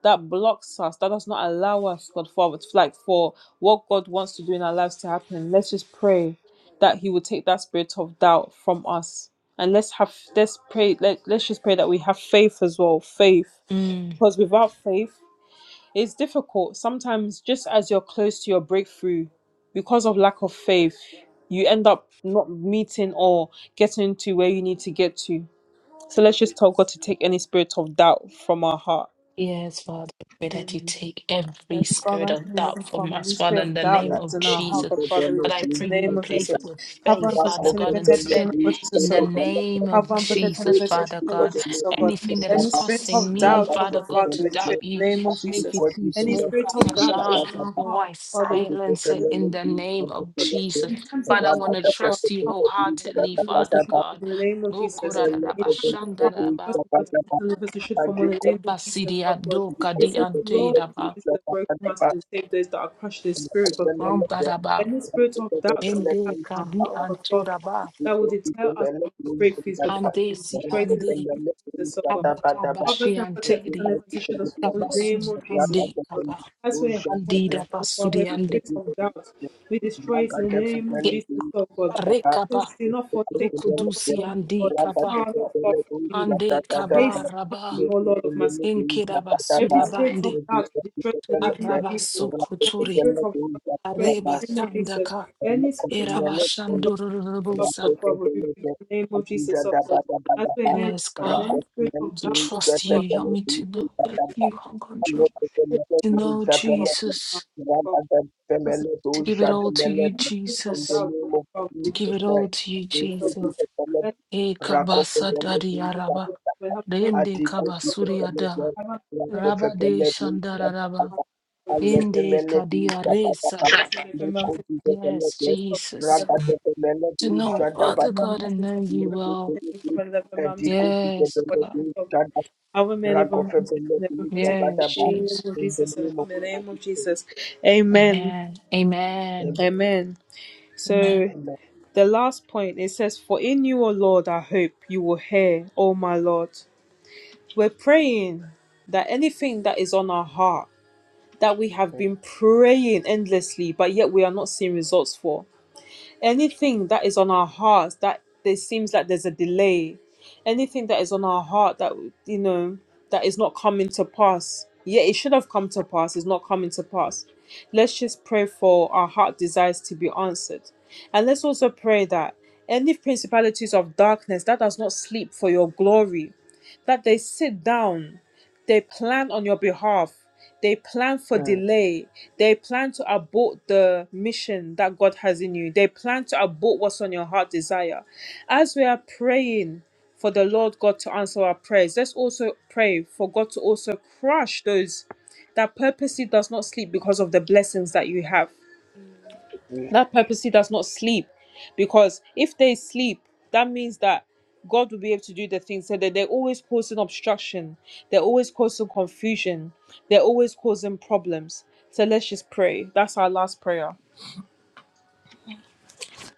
that blocks us, that does not allow us, God, forward, like for what God wants to do in our lives to happen. Let's just pray that He will take that spirit of doubt from us. And let's have let's pray let, let's just pray that we have faith as well. Faith.
Mm.
Because without faith it's difficult. Sometimes, just as you're close to your breakthrough, because of lack of faith, you end up not meeting or getting to where you need to get to. So let's just tell God to take any spirit of doubt from our heart.
Yes, Father, I pray that you take every
Mercy, Father,
spirit
ask
of
me,
doubt
Heavenly
from
Father,
us,
any
Father,
spirit
in
of
the
doubt
name
that's
of
in our heart,
Jesus.
but Father, we
But I
destroy in
pray
the
you
name of
Amen.
replace it
Jesus.
with
Cover
Thank
and
faith,
protect
Father
and
God,
defend every children
instead,
of Jesus,
in
so
the
God.
name of
Cover and protect and defend
Jesus,
every
Father
children of
God.
Jesus, so God.
Anything that is
Any spirit
causing
of
me,
doubt, oh
Father
God,
God,
Father,
to
we destroy
doubt
in
you,
the name of
to make you
Jesus.
too
Any
small,
spirit of
Father
doubt that
God,
is in our
oh,
heart,
I
Father, we destroy
silence it
in the
in
name
the name of
of Jesus.
Jesus.
In
Jesus. We
times of
Father, I
thank
trouble,
want to
oh God,
trust you
you
Father,
for your
that
wholeheartedly,
love.
Deliver us and
Father God.
from in the name of
Oh,
Jesus. In times of trouble, help us to
We thank
protect
you
us and
for
deliver us and from in the name of Jesus,
Abasidi
Lord God.
ando
It
kadi
says, the
ante
Lord is
daba
going to the broken hearted and save those that are crushed in spirit, God Father.
ambadaba
Any spirit of doubt that we have
ende
in our
kadi
heart,
you.
oh God
anto
Father,
daba
that will deter us from our breakthroughs, God Father,
ande
we
si
destroy it in the name
ande
of Jesus, Lord God.
abaka
Cover
bashi
us and
ante
protect us and
di
let us issue
your blessing.
us from the name
kabasudi
of Jesus.
ande kaba
As we help
andi
us
daba
to cover
sudi
the
ande
spirit of doubt, we destroy it in the name of
ye
Jesus, oh God.
are
It
kaba
says, Do not forsake me, Lord,
rokodusi
oh my God.
andi
Be
kaba
far not far from me.
ande
Make
kaba
haste to help
raba
me, O Lord of my salvation.
enke daba
Every
sudaba
spirit
ande
of doubt we destroy in the name of
araba
Jesus. Every
sukuturi
spirit of doubt we destroy
areba
in the
Thank
name of Jesus.
shandaka
Any spirit of
eraba
doubt
you.
over Father,
In the
God,
shandurururubulsa
Father, we rebuke in
name
the name
of
of
Jesus
Jesus,
Christ,
oh
we
God.
thank you
As we hear, God,
yes
Father,
God
any spirit of
to
doubt, oh
trust
Father,
you. Help me to
we
know
rebuke
that you are in control.
the
To
doubt,
know
oh Father,
Jesus.
in the name of
To give it
Jesus.
all to you,
Any spirit of
Jesus.
doubt, oh Father, we
To
destroy
give
in
it all to you,
the name of Jesus, oh
Jesus.
God.
for the blood.
Let
E kabasa
the spirit of
dadi
Rakopemele,
doubt,
araba.
oh Father, we have the name of
Rende
Adiko
Jesus, oh
Peter
God.
kabasuria da.
Pelebe,
Have
Rakofe
Raba de
Pelebe,
shandara raba.
Rapapapa, Alefe
Inde
Melebe,
kadia
Rapapapa,
resad.
Moko
a-
Peter
Yes,
Pelebe,
Jesus.
Our
Ragate Pelebe,
To know,
man of
Father
a
Shadabata,
God,
mountain,
and know you
Moko
well.
Pelebe, Adiko Peter
Yes,
Pelebe,
God.
Shada, Rakofe Pelebe,
Yes,
Rabadaba,
in
Jesus.
the name of
in the
Jesus, and
name
in
of
the name of
Jesus,
Jesus. Amen.
Amen. Amen.
Amen.
Amen.
Amen.
So the last point it says, For in you, O Lord, I hope you will hear, O my Lord. We're praying that anything that is on our heart that we have been praying endlessly, but yet we are not seeing results for. anything that is on our hearts that there seems like there's a delay anything that is on our heart that you know that is not coming to pass yeah it should have come to pass is not coming to pass let's just pray for our heart desires to be answered and let's also pray that any principalities of darkness that does not sleep for your glory that they sit down they plan on your behalf. They plan for
Amen.
delay. They plan to abort the mission that God has in you. They plan to abort what's on your heart desire. As we are praying for the Lord God to answer our prayers, let's also pray for God to also crush those that purposely does not sleep because of the blessings that you have
Mm.
that purposely does not sleep because if they sleep that means that god will be able to do the things So that they're always causing obstruction they're always causing confusion they're always causing problems so let's just pray that's our last prayer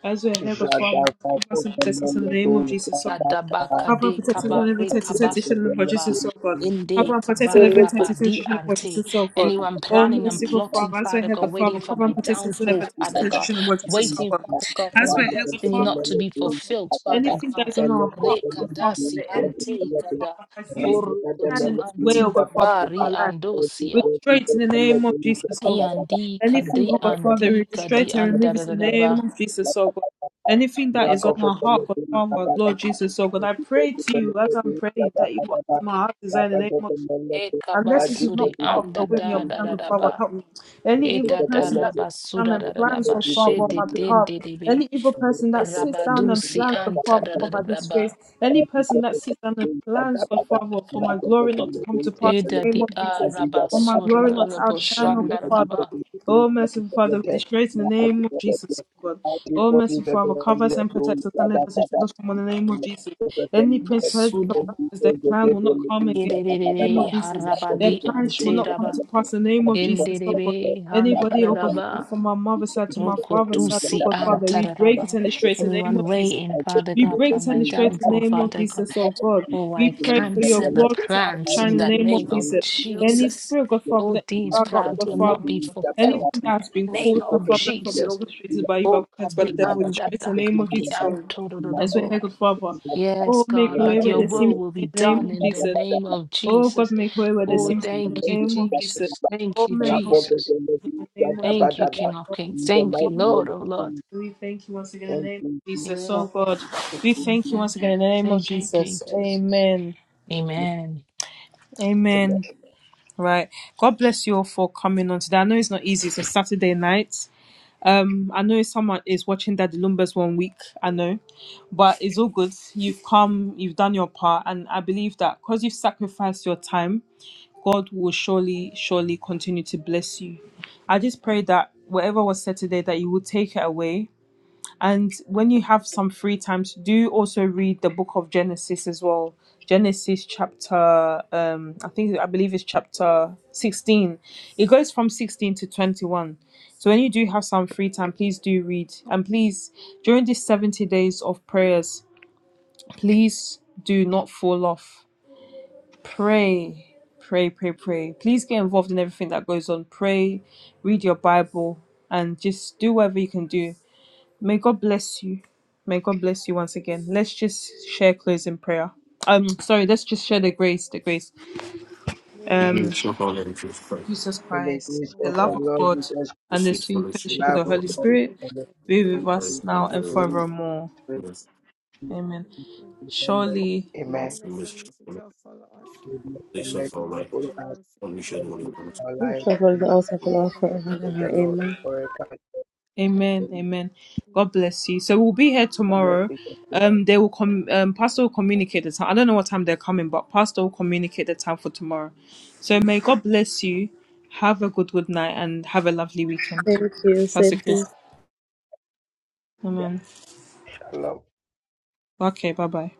as we are here, God Father,
Jadava
cover us and
Kofe
protect us in the
Melebe,
name of Jesus, so God.
Jadava,
Adabaka
Cover and
de
protect us and
kaba
live and
re
protect us,
kaba
protect us
Rakofe
in
su
the name of
kaba.
Jesus, so God. Cover
Inde
and protect and
kaba
live
Pelebe,
and protect us,
Papa,
protect
di
us in the name of
ante.
Jesus, so God.
Anyone
Thank
Oh,
planning and
merciful
plotting,
Father, as we are
Father
here,
God,
God Father,
waiting for
cover
my
and protect us and live and
downfall,
protect us,
Father
protect us
God,
in the name of Jesus, so
waiting,
God.
Father God, for
As
my
we are here, God
destiny
Father,
not to
protect
be
us, so God.
fulfilled, Father
Anything that
God.
is on our heart,
Re
oh God
kada
Father,
si
the enemy,
ante
oh God
kada.
Father, has used to
Boru
stand
kotu
in his way, oh
anti
God Father, over
bari
our life. We
andosia.
destroy it in the name of Jesus, oh God.
Iandi
Anything, oh
kadi
God, Father, we
andi
destroy
kadi
it and
anda
remove
da
it
da
in the
da ba.
name of Jesus, oh God. Anything that is on our heart, God, Father, Lord Jesus, oh God, I pray to you as I'm praying that you answer my heart desire in the name of
E kaba
Unless it is not part of the
anda
will and your
da da
plan,
da
good
da
Father,
you.
ba.
help me. Any
Thank
evil
Eta da
person that sits down
rabasuda da
and
da da
plans,
ba
good Father,
she
on
de
my
den
behalf.
de de be.
Any evil person that sits down and
Rabadusi
plans, good
anta
Father,
da da
for
da
my
da ba.
disgrace. Any person that sits down and plans, good Father, for my glory not to come to pass in
Eda
the name
di
of
a
Jesus. For my
rabasura
glory
da
not
da da
to
bo
outshine, oh
shanda
good
da da
Father.
ba.
Oh, merciful Father, we disgrace in the name of Jesus, oh God. Oh, merciful Father, cover us and protect us and live us and
you.
shield us from in the name of
Thank
Jesus. Any principalities of
Basuda ba.
darkness, their plan will not come again
Ede de de
the name
de
of Jesus. Their
harabadi
plans will
ante
not
da
come
ba.
to pass. In the name of
Ende
Jesus, oh
de
God.
be hanta
Anybody,
da
oh
da
God, Father,
ba.
from my mother's side to my father's side, oh
Rokotusi
God, Father,
anta
we
da da
break it
ba.
and destroy it in the name
Anyone
of Jesus.
waiting, Father
We
God,
break
for
it and
my
destroy it in the
downfall,
name of
Father God.
Jesus, oh God.
Oh,
We
I
pray for your
cancel the
glory to
plans
Thank
outshine
in
in the
the
you.
name of
name of
Jesus. Any
Jesus.
spirit, God, Father,
Oh,
that
these
drag up,
plans
God,
will not
Father.
be fulfilled.
Anything that has been
Name
caused, God,
of
Father, that has been
Jesus.
you.
orchestrated by you, by,
Oh, at
by the
the
In
devil,
the
we
end,
destroy
at the
it in the name
mighty
of
at the
name
Jesus,
end,
Lord. As we
todododabo.
hear, God, Father,
yes,
oh, make a
God,
way
but
where
your
there seems
will
to
will
be
be
in the name
done
of
in the
Jesus.
name of
Oh God,
Jesus.
make way where there
Oh,
seems no way
thank
in
you,
the name of Jesus.
Jesus.
Oh,
Thank you,
make way where there
Jesus.
seems no way in the name of Jesus.
Thank you, King of Kings. Thank you,
Oh,
Lord
Master,
of
of
Jesus,
Lords.
we thank you once again in the
thank
name
you,
of
Jesus,
Jesus.
Yeah.
Oh God,
thank
we
you,
thank
Jesus,
you
Amen.
once again in the name of
Thank you,
Jesus.
Jesus.
Amen.
Amen.
Amen.
amen.
Right. God bless you all for coming on today. I know it's not easy. It's a Saturday night. Um, I know someone is watching Daddy Lumber's one week. I know, but it's all good. You've come. You've done your part, and I believe that because you've sacrificed your time God will surely, surely continue to bless you. I just pray that whatever was said today, that you will take it away. And when you have some free time to do, also read the book of Genesis as well. Genesis chapter, um, I think I believe it's chapter sixteen. It goes from sixteen to twenty-one. So when you do have some free time, please do read. And please, during these seventy days of prayers, please do not fall off Pray, pray, pray, pray. Please get involved in everything that goes on. Pray, read your Bible, and just do whatever you can do. May God bless you. May God bless you once again. Let's just share closing prayer. Um, sorry, let's just share the grace, the grace.
And
Um,
Ignition of all in Jesus Christ,
it's my
Jesus
And the
love
Christ,
grace
for
the
of
the
our
love
love
Lord,
of
of
Lord
God,
God.
Jesus,
the
and the
sweet
sweet
the
fellowship
fellowship of
love
the
of the
of
Fellowship
Holy
Holy
of
God,
the
Spirit,
Holy
Spirit
and the
Spirit. Be
be
peace
with
with
now
of
us now
and
the
and
Holy
forevermore.
us
forevermore.
Spirit,
Yes, goodness
be
Amen.
now.
with us
Surely
now. Amen.
and
goodness
the
and mercy shall
servants
follow us,
shall follow us
We bless the
days
all
let
the
of our
days of
it follow
our
life,
us
lives, and
and
we
we
shall
shall
all the
dwell
dwell
in the house
days
of
in the
of
land
our
of
life
the Lord
in
forever.
the name of the Lord forever.
Amen. Amen.
and ever.
God bless you. So we'll be here tomorrow.
Thank
Um, they will come. Um, Pastor will communicate the time. I don't know what time they're coming, but Pastor will communicate the time for tomorrow. So may God bless you. Have a good good night and have a lovely weekend.
Thank you,
Pastor Chris.
Cynthia.
Amen.
you.
Okay. Bye bye.